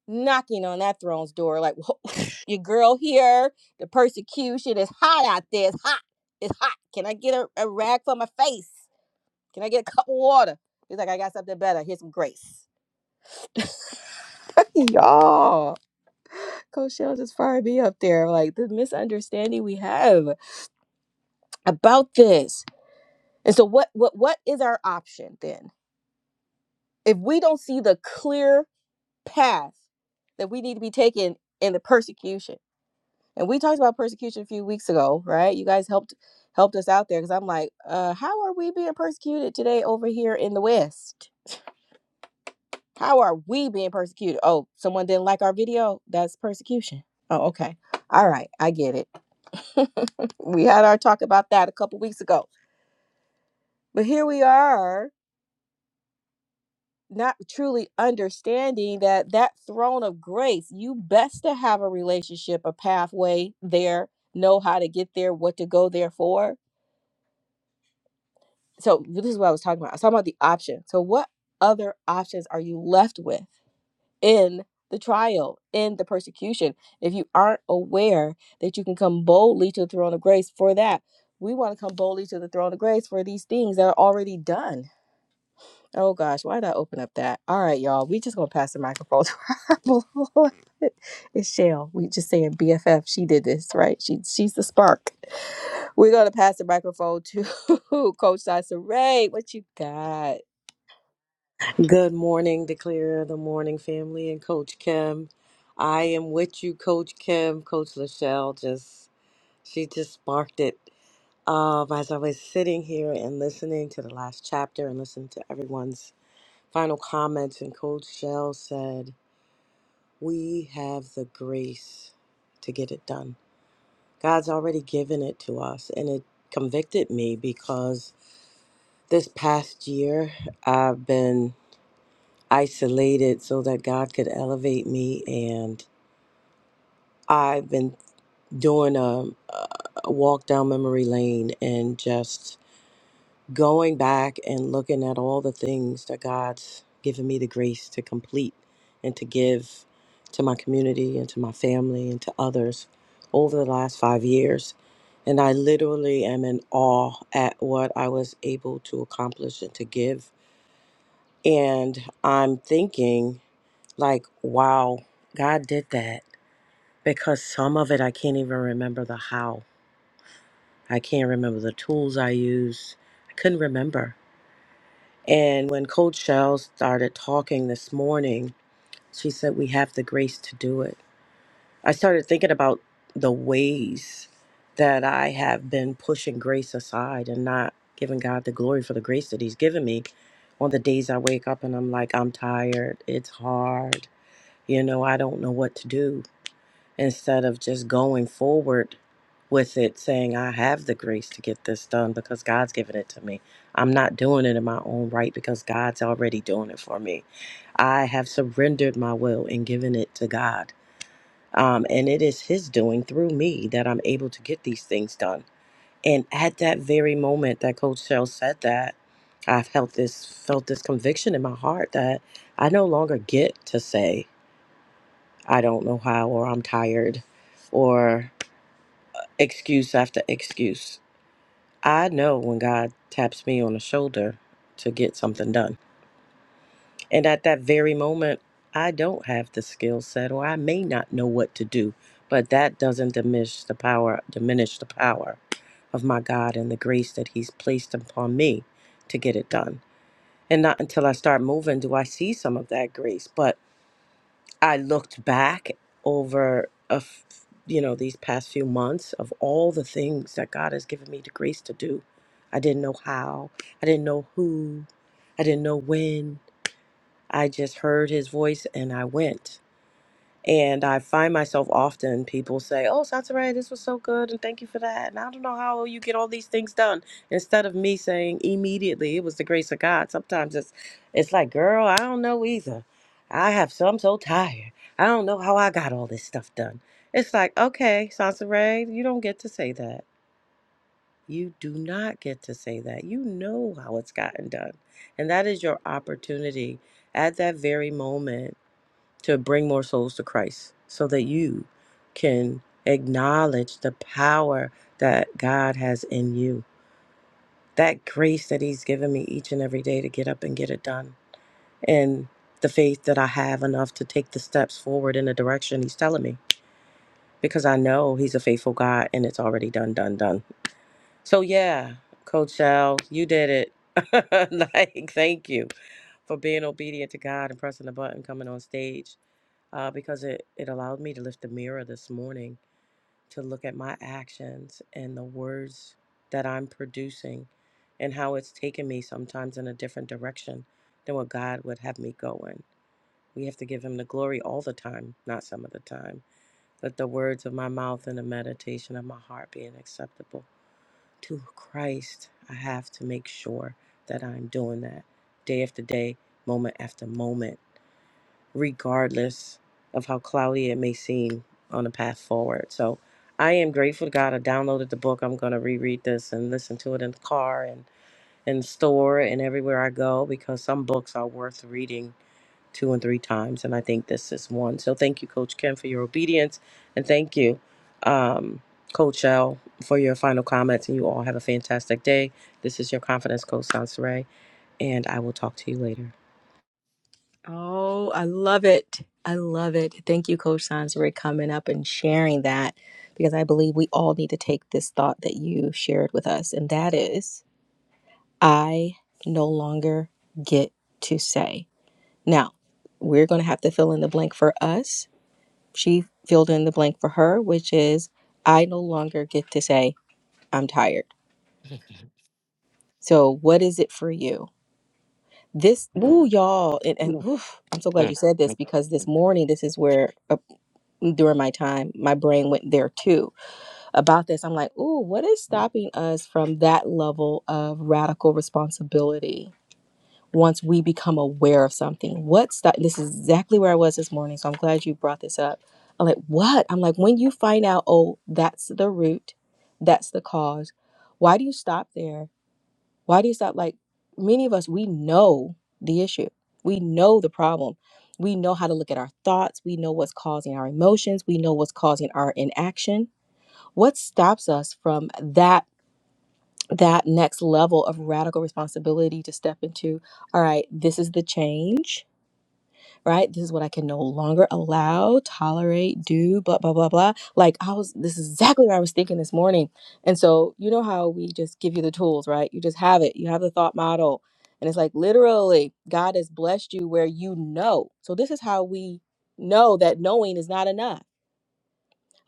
S1: knocking on that throne's door. Like, your girl here. The persecution is hot out there. It's hot. It's hot. Can I get a, a rag for my face? Can I get a cup of water? He's like, I got something better. Here's some grace. Y'all, Coach Shell just fired me up there. Like the misunderstanding we have about this. And so, what, what, what is our option then? If we don't see the clear path that we need to be taking in the persecution. And we talked about persecution a few weeks ago, right? You guys helped helped us out there because I'm like, uh, how are we being persecuted today over here in the West? How are we being persecuted? Oh, someone didn't like our video. That's persecution. Oh, okay. All right, I get it. we had our talk about that a couple weeks ago. But here we are not truly understanding that that throne of grace you best to have a relationship a pathway there know how to get there what to go there for so this is what i was talking about i was talking about the option so what other options are you left with in the trial in the persecution if you aren't aware that you can come boldly to the throne of grace for that we want to come boldly to the throne of grace for these things that are already done Oh gosh, why did I open up that? All right, y'all. We just gonna pass the microphone to our beloved. It's Shell. We just saying BFF. She did this, right? She she's the spark. We're gonna pass the microphone to Coach Dyson What you got?
S4: Good morning, Declare the Morning Family and Coach Kim. I am with you, Coach Kim. Coach Lachelle just she just sparked it. Um, as I was sitting here and listening to the last chapter and listening to everyone's final comments, and Coach Shell said, "We have the grace to get it done. God's already given it to us," and it convicted me because this past year I've been isolated so that God could elevate me. And I've been doing a, a walk down memory lane and just going back and looking at all the things that God's given me the grace to complete and to give to my community and to my family and to others over the last five years. And I literally am in awe at what I was able to accomplish and to give. And I'm thinking Like, wow, God did that. Because some of it, I can't even remember the how. I can't remember the tools I used. I couldn't remember. And when Coach Shell started talking this morning, she said, We have the grace to do it. I started thinking about the ways that I have been pushing grace aside and not giving God the glory for the grace that He's given me on the days I wake up and I'm like, I'm tired. It's hard. You know, I don't know what to do instead of just going forward with it saying i have the grace to get this done because god's given it to me i'm not doing it in my own right because god's already doing it for me i have surrendered my will and given it to god um, and it is his doing through me that i'm able to get these things done and at that very moment that coach shell said that i felt this felt this conviction in my heart that i no longer get to say i don't know how or i'm tired or excuse after excuse. I know when God taps me on the shoulder to get something done. And at that very moment, I don't have the skill set or I may not know what to do, but that doesn't diminish the power diminish the power of my God and the grace that he's placed upon me to get it done. And not until I start moving do I see some of that grace, but I looked back over a f- you know these past few months of all the things that God has given me the grace to do. I didn't know how. I didn't know who. I didn't know when. I just heard his voice and I went. And I find myself often people say, Oh, Satare, this was so good and thank you for that. And I don't know how you get all these things done. Instead of me saying immediately, it was the grace of God. Sometimes it's it's like, girl, I don't know either. I have so I'm so tired. I don't know how I got all this stuff done. It's like, okay, Sansaray, you don't get to say that. You do not get to say that. You know how it's gotten done. And that is your opportunity at that very moment to bring more souls to Christ so that you can acknowledge the power that God has in you. That grace that He's given me each and every day to get up and get it done. And the faith that I have enough to take the steps forward in the direction He's telling me because I know He's a faithful God and it's already done, done, done. So, yeah, Coach Al, you did it. like, thank you for being obedient to God and pressing the button, coming on stage uh, because it, it allowed me to lift the mirror this morning to look at my actions and the words that I'm producing and how it's taken me sometimes in a different direction than what God would have me go in. We have to give Him the glory all the time, not some of the time. Let the words of my mouth and the meditation of my heart be an acceptable to Christ. I have to make sure that I'm doing that day after day, moment after moment regardless of how cloudy it may seem on the path forward. So I am grateful to God. I downloaded the book. I'm going to reread this and listen to it in the car and in the store and everywhere I go because some books are worth reading two and three times. And I think this is one. So thank you, Coach Kim, for your obedience. And thank you, um, Coach L, for your final comments. And you all have a fantastic day. This is your Confidence Coach, Sansere. And I will talk to you later.
S1: Oh, I love it. I love it. Thank you, Coach Sansa, coming up and sharing that because I believe we all need to take this thought that you shared with us, and that is I no longer get to say. Now, we're going to have to fill in the blank for us. She filled in the blank for her, which is I no longer get to say I'm tired. So, what is it for you? This, ooh, y'all, and, and
S2: Mm,
S1: oof, I'm so glad you said
S2: mm,
S1: this because this morning, this is where uh, during my time, my brain went there too about this. I'm like, ooh, what is stopping us from that level of radical responsibility? once we become aware of something. What's that? This is exactly where I was this morning. So I'm glad you brought this up. I'm like, what? I'm like, when you find out, oh, that's the root, that's the cause, why do you stop there? Why do you stop? Like, many of us, we know the issue, we know the problem. We know how to look at our thoughts. We know what's causing our emotions. We know what's causing our inaction. What stops us from that? that next level of radical responsibility to step into all right this is the change right this is what i can no longer allow tolerate do blah blah blah blah like i was this is exactly what i was thinking this morning and so you know how we just give you the tools right you just have it you have the thought model and it's like literally god has blessed you where you know so this is how we know that knowing is not enough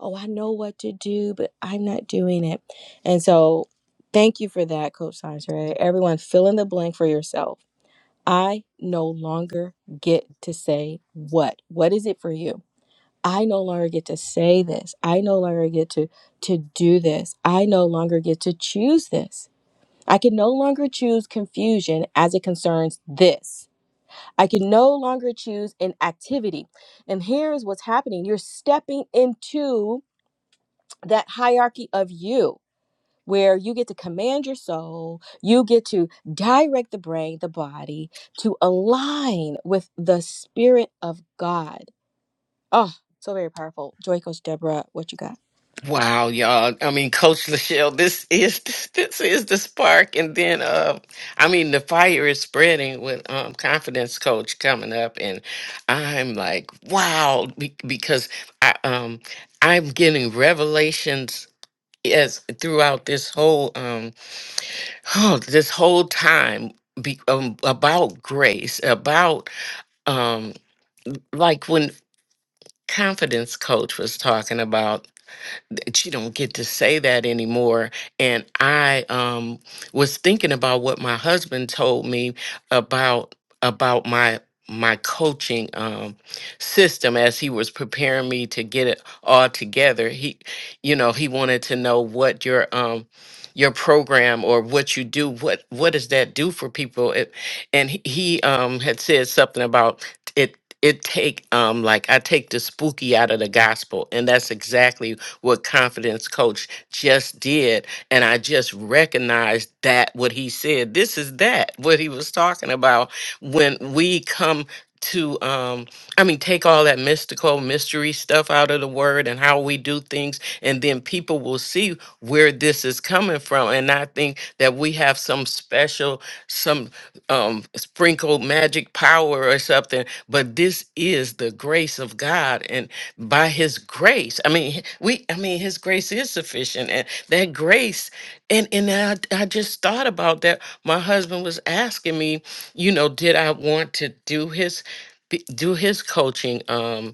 S1: oh, I know what to do, but I'm not doing it. And so thank you for that, Coach Sandra. Everyone, fill in the blank for yourself. I no longer get to say what. What is it for you? I no longer get to say this. I no longer get to to do this. I no longer get to choose this. I can no longer choose confusion as it concerns this. I can no longer choose an activity. And here's what's happening. You're stepping into that hierarchy of you where you get to command your soul you get to direct the brain the body to align with the spirit of god oh so very powerful joy coach deborah what you got
S2: Wow, y'all. I mean, Coach Lachelle, this is this is the spark. And then uh I mean the fire is spreading with um confidence coach coming up and I'm like, wow, be- because I um I'm getting revelations as throughout this whole um this whole time be, um, about grace, about um like when confidence coach was talking about that you don't get to say that anymore. And I um, was thinking about what my husband told me about about my my coaching um, system as he was preparing me to get it all together. He, you know, he wanted to know what your um, your program or what you do what what does that do for people it, and he he, um, had said something about it it take um like I take the spooky out of the gospel and that's exactly what confidence coach just did and I just recognized that what he said this is that what he was talking about when we come to um I mean take all that mystical mystery stuff out of the word and how we do things and then people will see where this is coming from and I think that we have some special some um sprinkle magic power or something but this is the grace of god and by his grace i mean we i mean his grace is sufficient and that grace and and i, I just thought about that my husband was asking me you know did i want to do his be- do his coaching um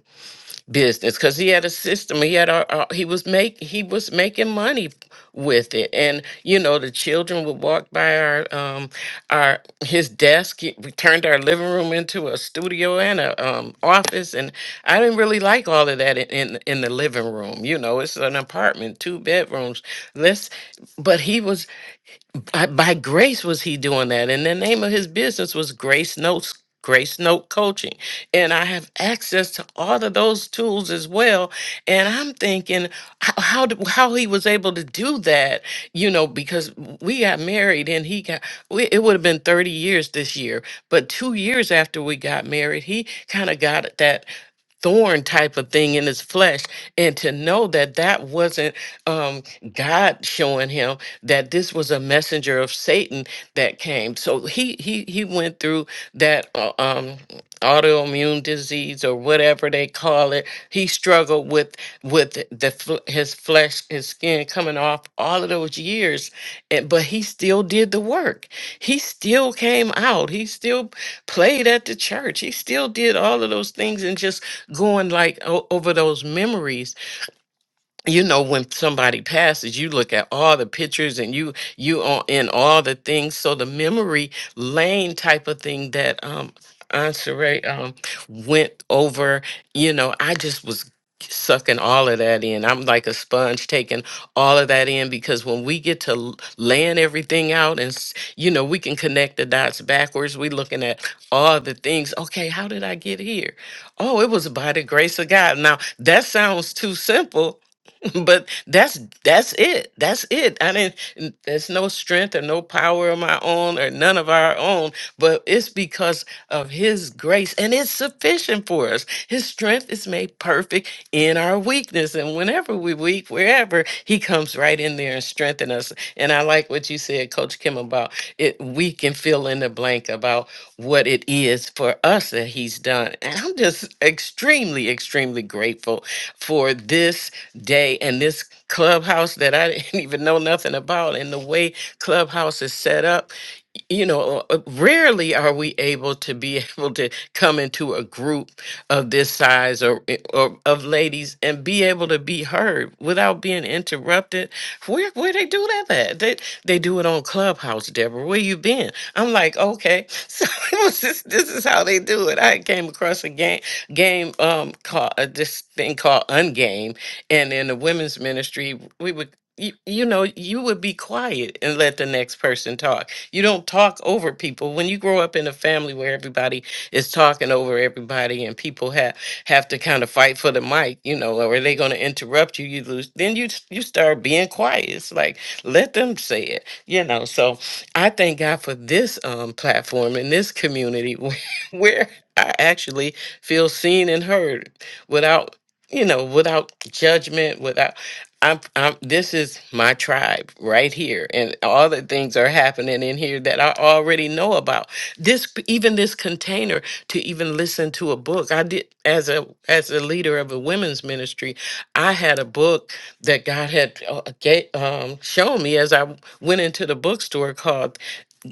S2: business because he had a system he had a, a- he was make he was making money with it and you know the children would walk by our um our his desk He- we turned our living room into a studio and a um office and i didn't really like all of that in in, in the living room you know it's an apartment two bedrooms let's but he was I, by grace was he doing that and the name of his business was grace notes grace note coaching and i have access to all of those tools as well and i'm thinking how how, d- how he was able to do that you know because we got married and he got we, it would have been 30 years this year but two years after we got married he kind of got that thorn type of thing in his flesh and to know that that wasn't um, god showing him that this was a messenger of satan that came so he he he went through that uh, um, autoimmune disease or whatever they call it he struggled with with the fl- his flesh his skin coming off all of those years and, but he still did the work he still came out he still played at the church he still did all of those things and just going like o- over those memories you know when somebody passes you look at all the pictures and you you are in all the things so the memory lane type of thing that um Aunt Sheree, um went over you know i just was sucking all of that in i'm like a sponge taking all of that in because when we get to l- laying everything out and s- you know we can connect the dots backwards we looking at all the things okay how did i get here oh it was by the grace of god now that sounds too simple but that's that's it that's it i didn't n- there's no strength or no power of my own or none of our own but it's because of his grace and it's sufficient for us his strength is made perfect in our weakness and whenever we weak wherever he comes right in there and strengthen us and i like what you said coach kim about it we can fill in the blank about what it is for us that he's done and i'm just extremely extremely grateful for this day and this clubhouse that I didn't even know nothing about and the way clubhouse is set up you know, uh, uh, rarely are we able to be able to come into a group of this size or, eh, or of ladies and be able to be heard without being interrupted. Where where they do that at? They they do it on Clubhouse, Deborah. Where you been? I'm like, okay. So it was just, this is how they do it. I came across a game game um called uh, this thing called Ungame, and in the women's ministry, we would. You, you know you would be quiet and let the next person talk you don't talk over people. When you grow up in a family where everybody is talking over everybody and people have have to kind of fight for the mic, you know, or are they going to interrupt you? You lose. Then you you start being quiet. It's like let them say it, you know. So I thank God for this um platform in this community where, where I actually feel seen and heard without you know without judgment without I'm, I'm this is my tribe right here and all the things are happening in here that I already know about this even this container to even listen to a book I did as a as a leader of a women's ministry I had a book that God had uh, ga- um, shown me as I went into the bookstore called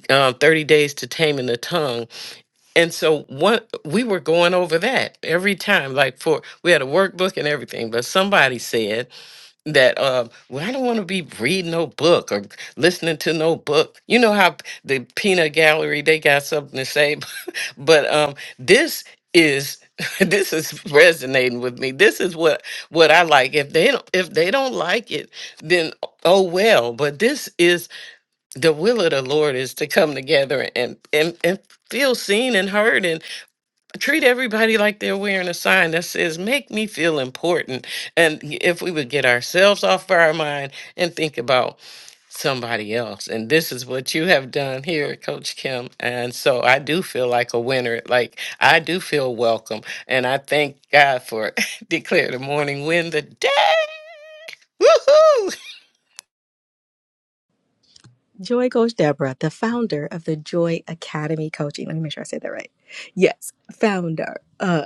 S2: uh, 30 days to taming the tongue and so what we were going over that every time like for we had a workbook and everything but somebody said that um well, I don't want to be reading no book or listening to no book. You know how p- the peanut gallery they got something to say, but um this is this is resonating with me. This is what what I like. If they don't if they don't like it, then oh well. But this is the will of the Lord is to come together and and and feel seen and heard treat everybody like they're wearing a sign that says make me feel important and y- if we would get ourselves off our mind and think about somebody else and this is what you have done here at coach kim and so i do feel like a winner like i do feel welcome and i thank god for declare the morning win the day Woohoo!
S1: Joy Coach Deborah, the founder of the Joy Academy Coaching. Let me make sure I say that right. Yes, founder of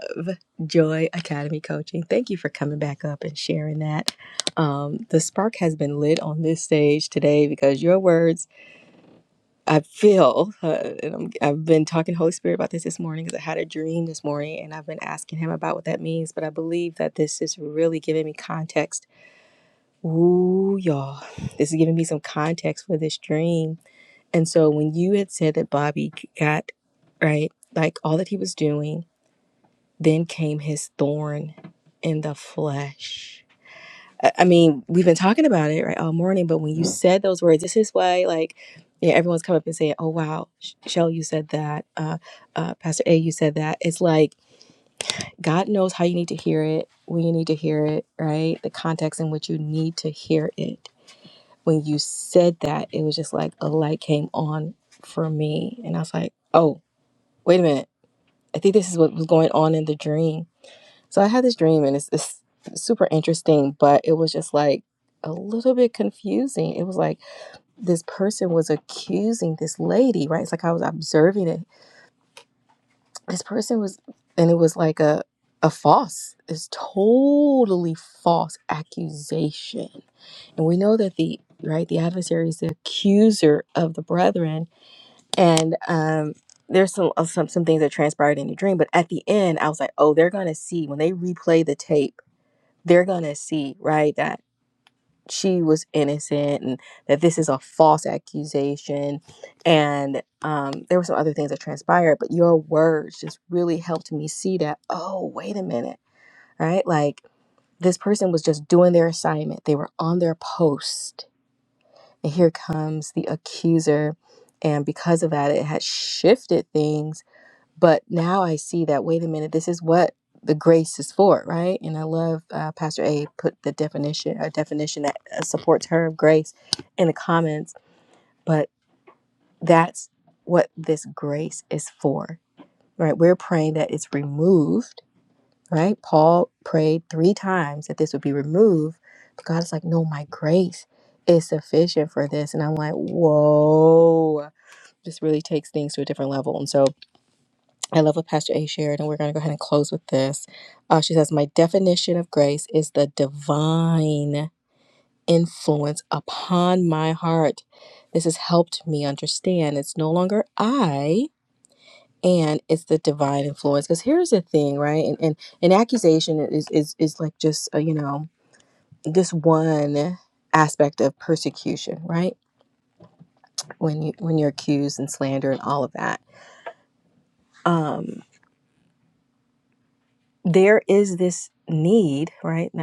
S1: Joy Academy Coaching. Thank you for coming back up and sharing that. Um, the spark has been lit on this stage today because your words I feel, uh, and I'm, I've been talking to Holy Spirit about this this morning because I had a dream this morning and I've been asking him about what that means. But I believe that this is really giving me context. Ooh, y'all, this is giving me some context for this dream. And so when you had said that Bobby got, right, like all that he was doing, then came his thorn in the flesh. I I mean, we've been talking about it right all morning, but when you said those words, this is why like yeah, everyone's come up and saying, "Oh wow, Sh- Shell, you said that. Uh, uh, Pastor A, you said that." It's like God knows how you need to hear it, when you need to hear it, right? The context in which you need to hear it. When you said that, it was just like a light came on for me, and I was like, "Oh, wait a minute. I think this is what was going on in the dream." So I had this dream and it's, it's super interesting, but it was just like a little bit confusing. It was like this person was accusing this lady, right? It's like I was observing it. This person was, and it was like a, a false, it's totally false accusation. And we know that the, right, the adversary is the accuser of the brethren. And, um, there's some, uh, some some things that transpired in the dream, but at the end, I was like, "Oh, they're gonna see when they replay the tape they're going to see, right, that she was innocent and that this is a false accusation. And um, there were some other things that transpired, but your words just really helped me see that, oh, wait a minute, right? Like this person was just doing their assignment, they were on their post. And here comes the accuser. And because of that, it had shifted things but now I see that, wait a minute, this is what the grace is for, right? And I love uh, Pastor A put the definition, a definition that uh, supports her of grace in the comments, but that's what this grace is for, right? We're praying that it's removed, right? Paul prayed three times that this would be removed, but God is like, no, my grace is sufficient for this. And I'm like, whoa, this really takes things to a different level. And so, I love what Pastor A shared, and we're going to go ahead and close with this. Uh, she says, My definition of grace is the divine influence upon my heart. This has helped me understand it's no longer I. And it's the divine influence. Because here's the thing, right? And and, and accusation is, is is like just uh, you know this one aspect of persecution, right? When you when you're accused and slander and all of that, right? now."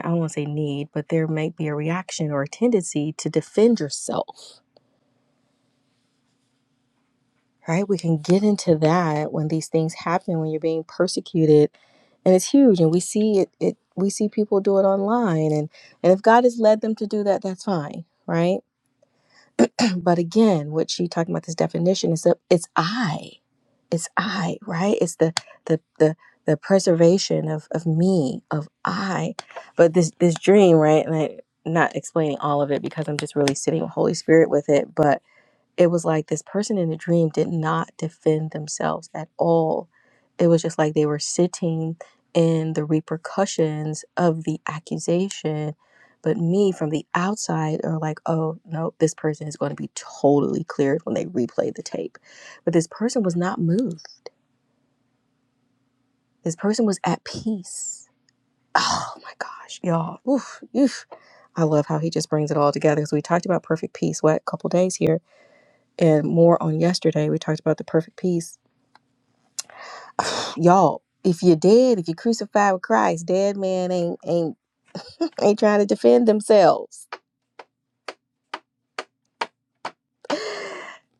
S1: right? We can get into that when these things happen, when you're being persecuted, and it's huge. And we see it, it we see people do it online, and and if God has led them to do that, that's fine, right? But again, what she talking about this definition is that it's I, it's I, right? It's the the the, the preservation of of me, of I. I'm just really sitting with Holy Spirit with it, but it was like this person in the dream did not defend themselves at all. It was just like they were sitting in the repercussions of the accusation. But me from the outside are like, oh, no, this person is going to be totally cleared when they replay the tape. But this person was not moved. This person was at peace. Oh my gosh, y'all. Oof, oof. I love how he just brings it all together because we talked about perfect peace, what, couple days here and more on yesterday. We talked about the perfect peace. Y'all, if you're dead, if you're crucified with Christ, dead man ain't ain't ain't trying to defend themselves.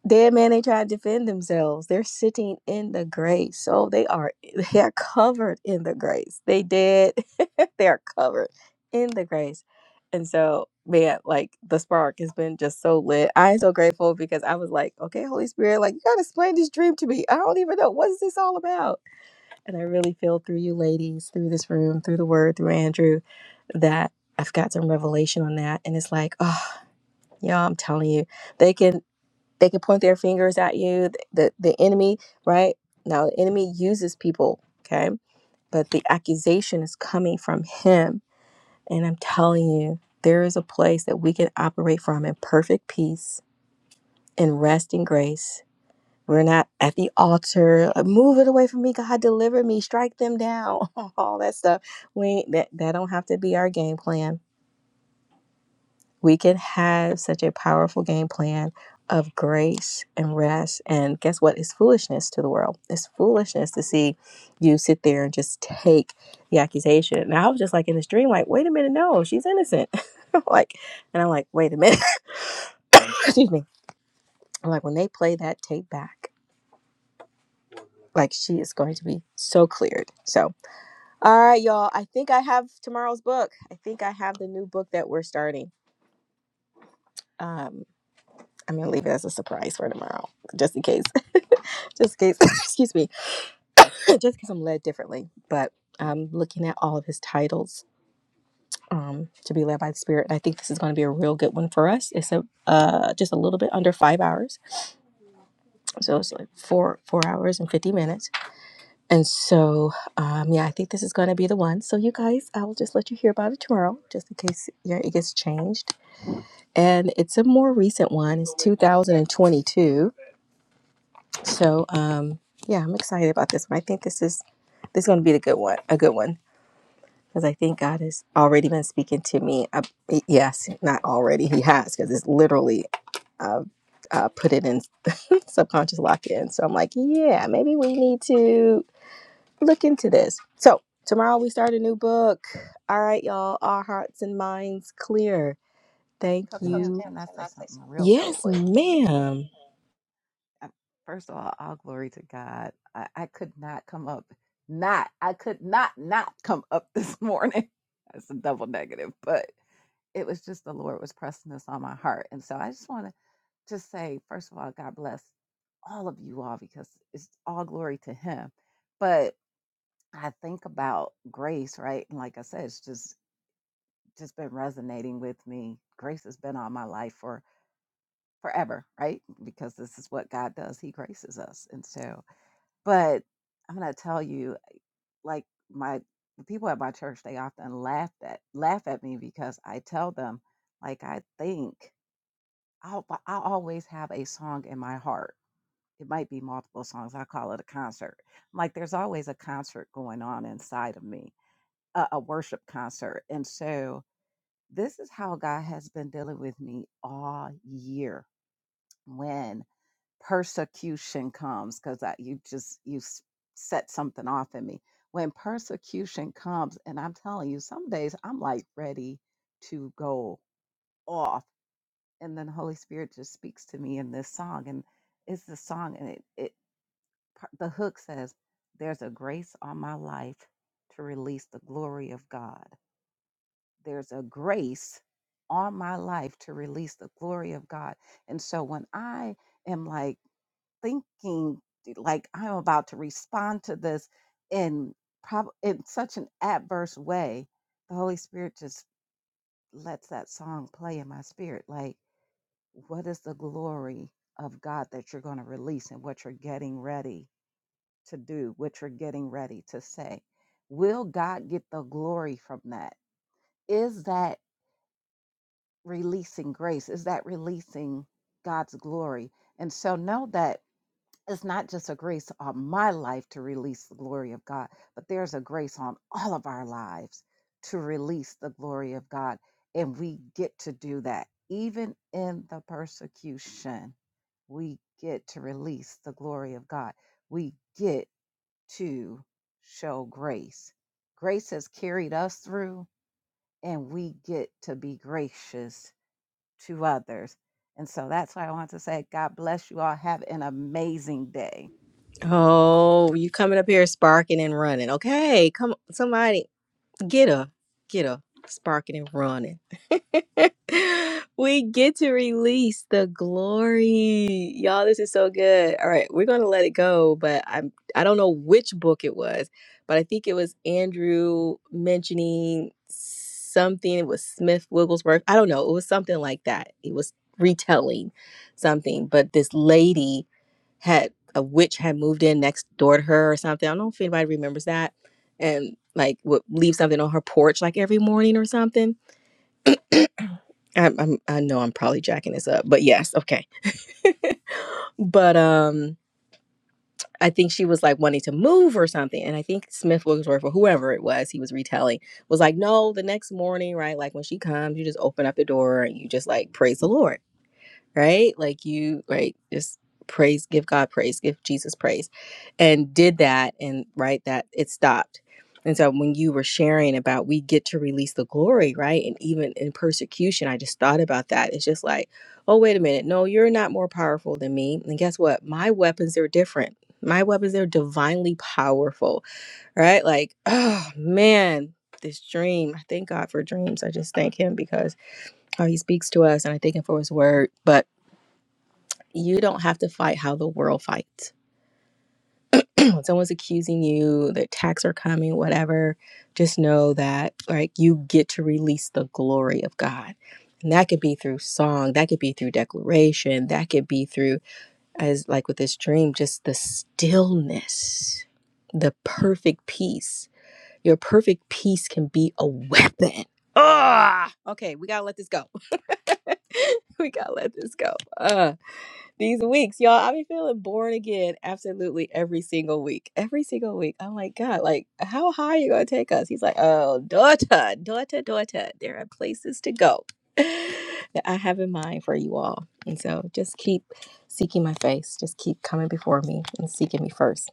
S1: Dead man ain't trying to defend themselves. They're sitting in the grace. So they are they are covered in the grace. They dead. they are covered in the grace. And so, man, like the spark has been just so lit. I am so grateful because I was like, okay, Holy Spirit, like you gotta explain this dream to me. I don't even know what is this all about And I really feel through you ladies, through this room, through the word, through Andrew, that I've got some revelation on that. And it's like, oh, y'all, I'm telling you, they can they can point their fingers at you. The the, the enemy, right? Now the enemy uses people, okay? But the accusation is coming from him. And I'm telling you, there is a place that we can operate from in perfect peace in rest and grace we're not at the altar. uh, Move it away from me, God. Deliver me. Strike them down. All that stuff. We that that don't have to be our game plan. We can have such a powerful game plan of grace and rest. And guess what? It's foolishness to the world. It's fool to see you sit there and just take the accusation. And I was just like in this dream, like, wait a minute, no, she's innocent. like, and I'm like, wait a minute, excuse me. When they play that tape back, we- so I think. starting I'm gonna leave it as a surprise for tomorrow, just in case. just in case, excuse me, just in case I'm led differently. But I'm looking at all of his titles um, to be led by the Spirit. And I think this is going to be a real good one for us. It's a uh, just a little bit under five hours, so it's like four four hours and fifty minutes. And so, um, yeah, I think this is going to be the one. So you guys, I will just let you hear about it tomorrow, just in case. Yeah, it gets changed. And it's 2022, so um, yeah, I'm excited about this one because I think. to me. Uh, yes, not already. He has because it's literally uh, uh, put it in subconscious lock in. So I'm like, yeah, maybe we need to look into this. So tomorrow we start a new book. All right, y'all. Our hearts and minds clear. Thank
S3: Coach Kim,
S1: you.
S3: can I say something real quick?
S1: Yes. ma'am.
S3: I- First of all, all glory to God. I, I could not come up, not, I could not, not come up this morning. That's a double negative, but it was just the Lord was pressing this on my heart. And so I just want to just say, first of all, God bless all of you all because it's all glory to Him. But I think about grace, right? And like I said, it's just, just been resonating with me. Grace has been on my life for forever, right? Because this is what God does. He graces us. And so, but I'm gonna tell you, like my the people at my church, they often laugh at laugh at me because I tell them, like I think I'll but I always have a song in my heart. It might be multiple songs. I call it a concert. I'm like there's always a concert going on inside of me, a, a worship concert. And so this is how God has been dealing with me all year. When persecution comes because you just you s- set something off in me when persecution comes and i'm telling you some days i'm like ready to go off and then the holy spirit just speaks to me in this song and it's the song and it, it par- the hook says there's a grace on my life to release the glory of god there's a grace on my life to release the glory of god and so when i am like thinking like I'm about to respond to this in prob- in such an adverse way, the Holy Spirit just lets that song play in my spirit. Like, what is the glory of God that you're going to release and what you're getting ready to do, what you're getting ready to say? Will God get the glory from that? Is that releasing grace? Is that releasing God's glory? And so know that it's not just a grace on my life to release the glory of God, but there's a grace on all of our lives to release the glory of God. And we get to do that. Even in the persecution, we get to release the glory of God. We get to show grace. Grace has carried us through, and we get to be gracious to others. And so that's why I want to say, God bless you all. Have an amazing day.
S1: Oh, you coming up here sparking and running? Okay, come somebody. Get her, get her, sparking and running. we get to release the glory, y'all. This is so good. All right, we're gonna let it go, but I'm I don't know which book it was, but I think it was Andrew mentioning something. It was Smith Wigglesworth. I don't know. It was something like that. It was retelling something, but this lady had a witch had moved in next door to her or something. I don't know if anybody remembers that and like would leave something on her porch like every morning or something. I'm, I'm I know I'm probably jacking this up, but yes, okay. But um, I think she was like wanting to move or something, and I think Smith Wigglesworth or whoever it was, he was retelling, was like, no, the next morning, right? Like when she comes, you just open up the door and you just like praise the Lord. right? Like you, right? Just praise, give God praise, give Jesus praise, and did that, and right, that it stopped. And so when you were sharing about we get to release the glory, right? And even in persecution, I just thought about that. It's just like, oh, wait a minute. No, you're not more powerful than me. And guess what? My weapons are different. My weapons are divinely powerful, right? Like, oh man, this dream. I thank God for dreams. I just thank him because how he speaks to us and I thank him for his word. But you don't have to fight how the world fights. When someone's accusing you, the attacks are coming, whatever. Just know that like you get to release the glory of God. And that could be through song, that could be through declaration, that could be through as like with this dream, just the stillness, the perfect peace. Your perfect peace can be a weapon. Ah, okay, we gotta let this go. We gotta let this go. Ah. these weeks, y'all. I be feeling born again absolutely every single week. Every single week. I'm like, God, like, how high are you gonna take us? He's like, Oh, daughter, daughter, daughter, there are places to go that I have in mind for you all. And so just keep seeking my face. Just keep coming before me and seeking me first.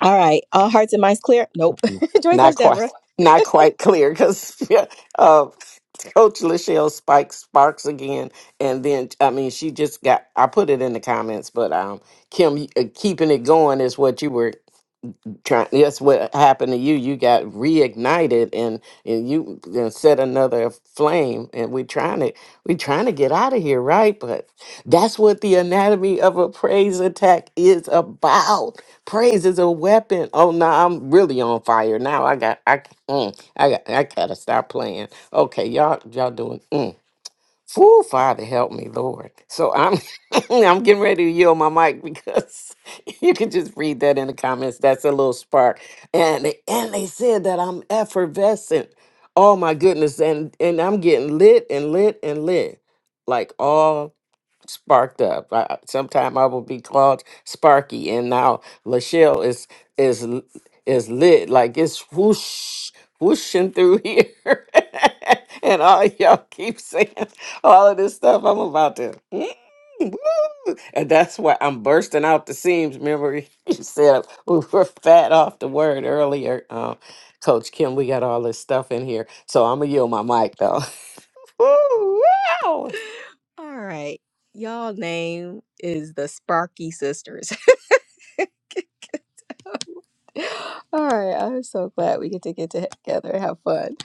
S1: All right. All hearts and minds clear? Nope. Joy
S2: Not
S1: Coach
S2: quite,
S1: Deborah.
S2: not quite clear because Coach Lachelle Spike Sparks again, and then I mean she just got. I put it in the comments, but um, Kim, uh, keeping it going is what you were trying that's what happened to you you got reignited and and you and set another flame and we trying to we trying to get out of here right but that's what the anatomy of a praise attack is about praise is a weapon oh no i'm really on fire now i got i mm, i got i gotta stop playing okay y'all y'all doing mm. Whew, Father, help me, Lord. So I'm I'm getting ready to yield my mic because you can just read that in the comments. That's a little spark. And they- and they said that I'm effervescent. Oh my goodness. And and I'm getting lit and lit and lit. Like all sparked up. I, I- sometime I will be called Sparky, and now Lachelle is is l- is lit like it's whoosh whooshing through here, and all y'all keep saying all of this stuff. I'm about to. mm, woo, And that's why I'm bursting out the seams. Remember, you said we were fat off the word earlier, um, Coach Kim. We got all this stuff in here, so I'm gonna yield my mic though. Woo, wow.
S1: All right. Y'all name is the Sparky Sisters. All right, I'm so glad we get to get together and have fun.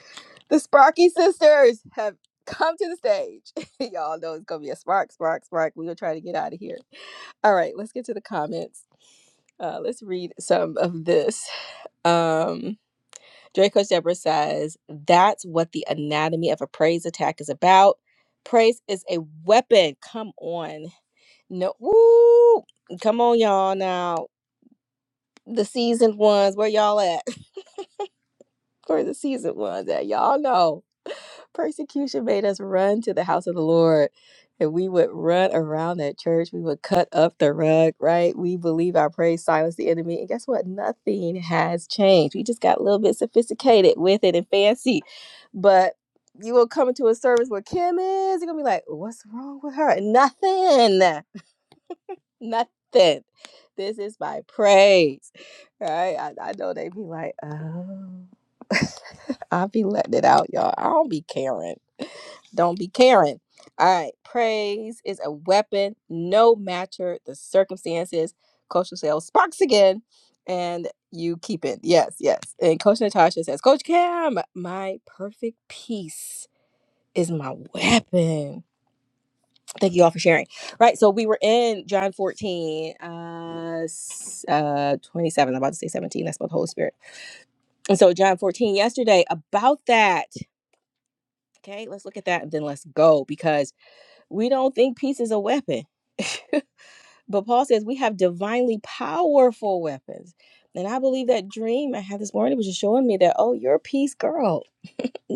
S1: The Sparky sisters have come to the stage. Y'all know it's gonna be a spark, spark, spark. We're gonna try to get out of here. All right, let's get to the comments. Uh, let's read some of this. Um, Draco Deborah says, That's what the anatomy of a praise attack is about. Praise is a weapon. Come on. No, woo! Come on, y'all now. The seasoned ones, where y'all at? for the season one that y'all know persecution made us run to the house of the Lord. And we would run around that church. We would cut up the rug, right? We believe our praise silenced the enemy. And guess what? Nothing has changed. We just got a little bit sophisticated with it and fancy. But you will come into a service where Kim is, you're going to be like, what's wrong with her? Nothing nothing. This is my praise. Right? I, I know they be like, oh. I be letting it out, y'all. I don't be caring. Don't be caring. All right. Praise is a weapon, no matter the circumstances. Coach Michelle sparks again, and you keep it. Yes, yes. And Coach Natasha says, Coach Cam, my perfect peace is my weapon. Thank you all for sharing. Right. So we were in John 14, uh, s- uh 27. I'm about to say 17. That's about the Holy Spirit. And so John 14 yesterday about that. Okay, let's look at that and then let's go because we don't think peace is a weapon. but Paul says we have divinely powerful weapons. And I believe that dream I had this morning was just showing me that, oh, you're a peace girl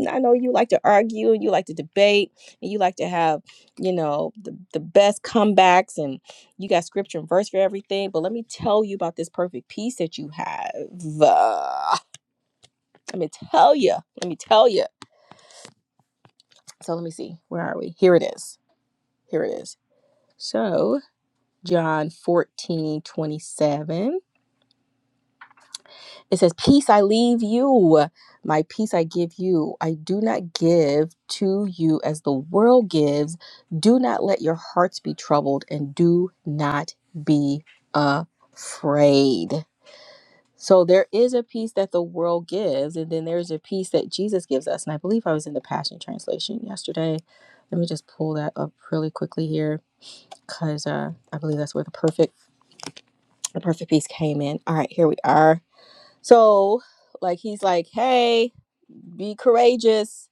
S1: I know you like to argue and you like to debate and you like to have, you know, the, the best comebacks and you got scripture and verse for everything. But let me tell you about this perfect peace that you have. Uh, let me tell you. Let me tell you. So let me see. Where are we? Here it is. Here it is. So John 14 27. It says, Peace I leave you, my peace I give you. I do not give to you as the world gives. Do not let your hearts be troubled and do not be afraid. So there is a peace that the world gives, and then there's a peace that Jesus gives us. And I believe I was in the Passion Translation yesterday. Let me just pull that up really quickly here, because uh, I believe that's where the perfect the perfect peace came in. All right, here we are. So like he's like, hey, Be courageous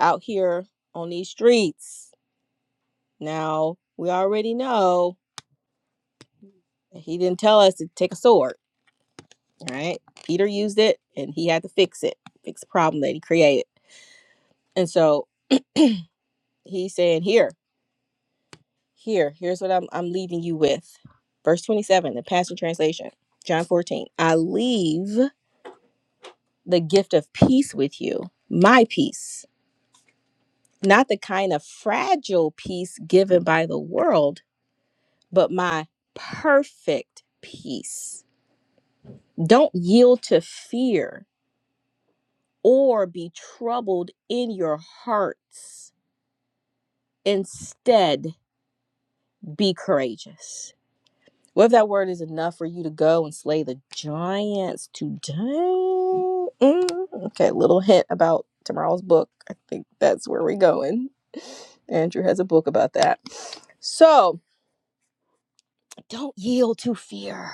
S1: out here on these streets. Now, we already know he didn't tell us to take a sword, right? Peter used it and he had to fix it, fix the problem that he created. And so he's saying, Here, here, here's what I'm, I'm leaving you with. Verse 27, the Passion Translation, John 14. I leave the gift of peace with you, my peace, not the kind of fragile peace given by the world but my perfect peace. Don't yield to fear or be troubled in your hearts. Instead, be courageous. What if that word is enough for you to go and slay the giants today? Mm, okay, little hint about tomorrow's book. I think that's where we're going. Andrew has a book about that. So don't yield to fear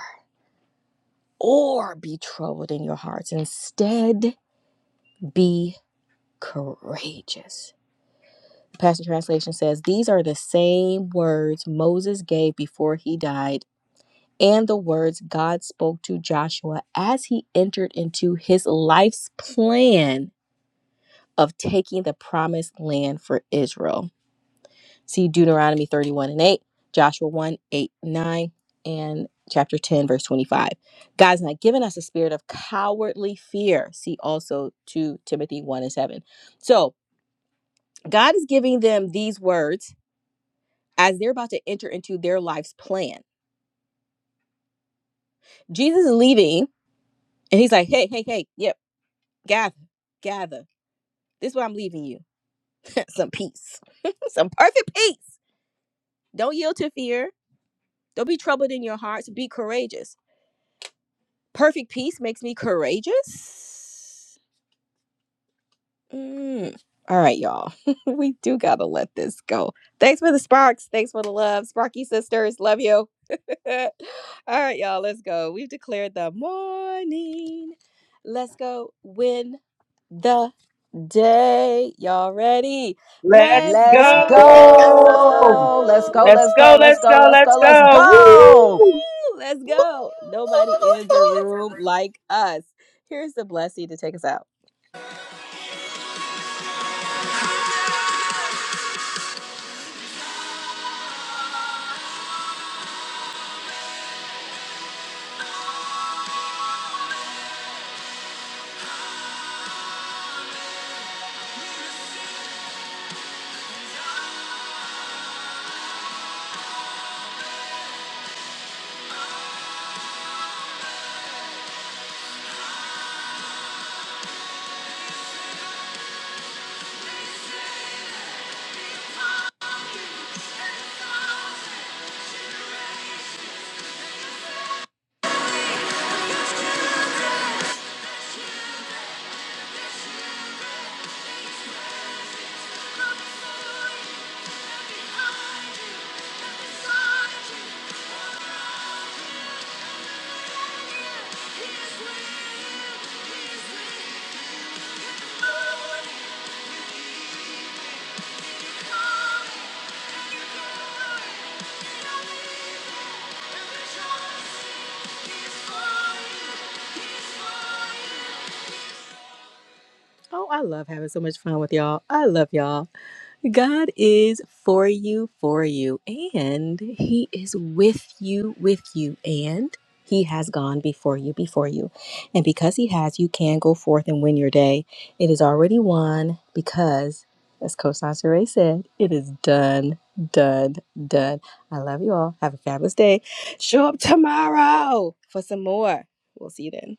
S1: or be troubled in your hearts. Instead, Be courageous. The Passion Translation says, These are the same words Moses gave before he died, and the words God spoke to Joshua as he entered into his life's plan of taking the promised land for Israel. See Deuteronomy 31 and 8, Joshua one 8 9, and chapter 10, verse 25. God's not given us a spirit of cowardly fear. See also 2 Timothy 1 and 7. So, God is giving them these words as they're about to enter into their life's plan. Jesus is leaving and he's like, hey, hey, hey, yep, gather, gather. This is what I'm leaving you some peace, some perfect peace. Don't yield to fear. Don't be troubled in your hearts. Be courageous. Perfect peace makes me courageous. Mm. All right, y'all. we do got to let this go. Thanks for the sparks. Thanks for the love. Sparky sisters, love you. All right, y'all, let's go. We've declared the morning. Let's go win the day. Y'all ready?
S5: Let's
S1: Let's
S3: Let's
S5: go.
S3: go. Let's
S1: go. Woo!
S3: go.
S5: Let's
S3: Let's go. Let's go. Let's go. Let's go. Let's
S5: go.
S3: go.
S1: Let's go. Nobody ends a
S2: Woo!
S1: room like us. Here's the blessing to take us out. Oh, I love having so much fun with y'all. I love y'all. God is for you, for you, and He is with you, with you, and He has gone before you, before you. And because He has, you can go forth and win your day. It is already won because, as Coach Sansere said, it is done, done, done. I love you all. Have a fabulous day. Show up tomorrow for some more. We'll see you then.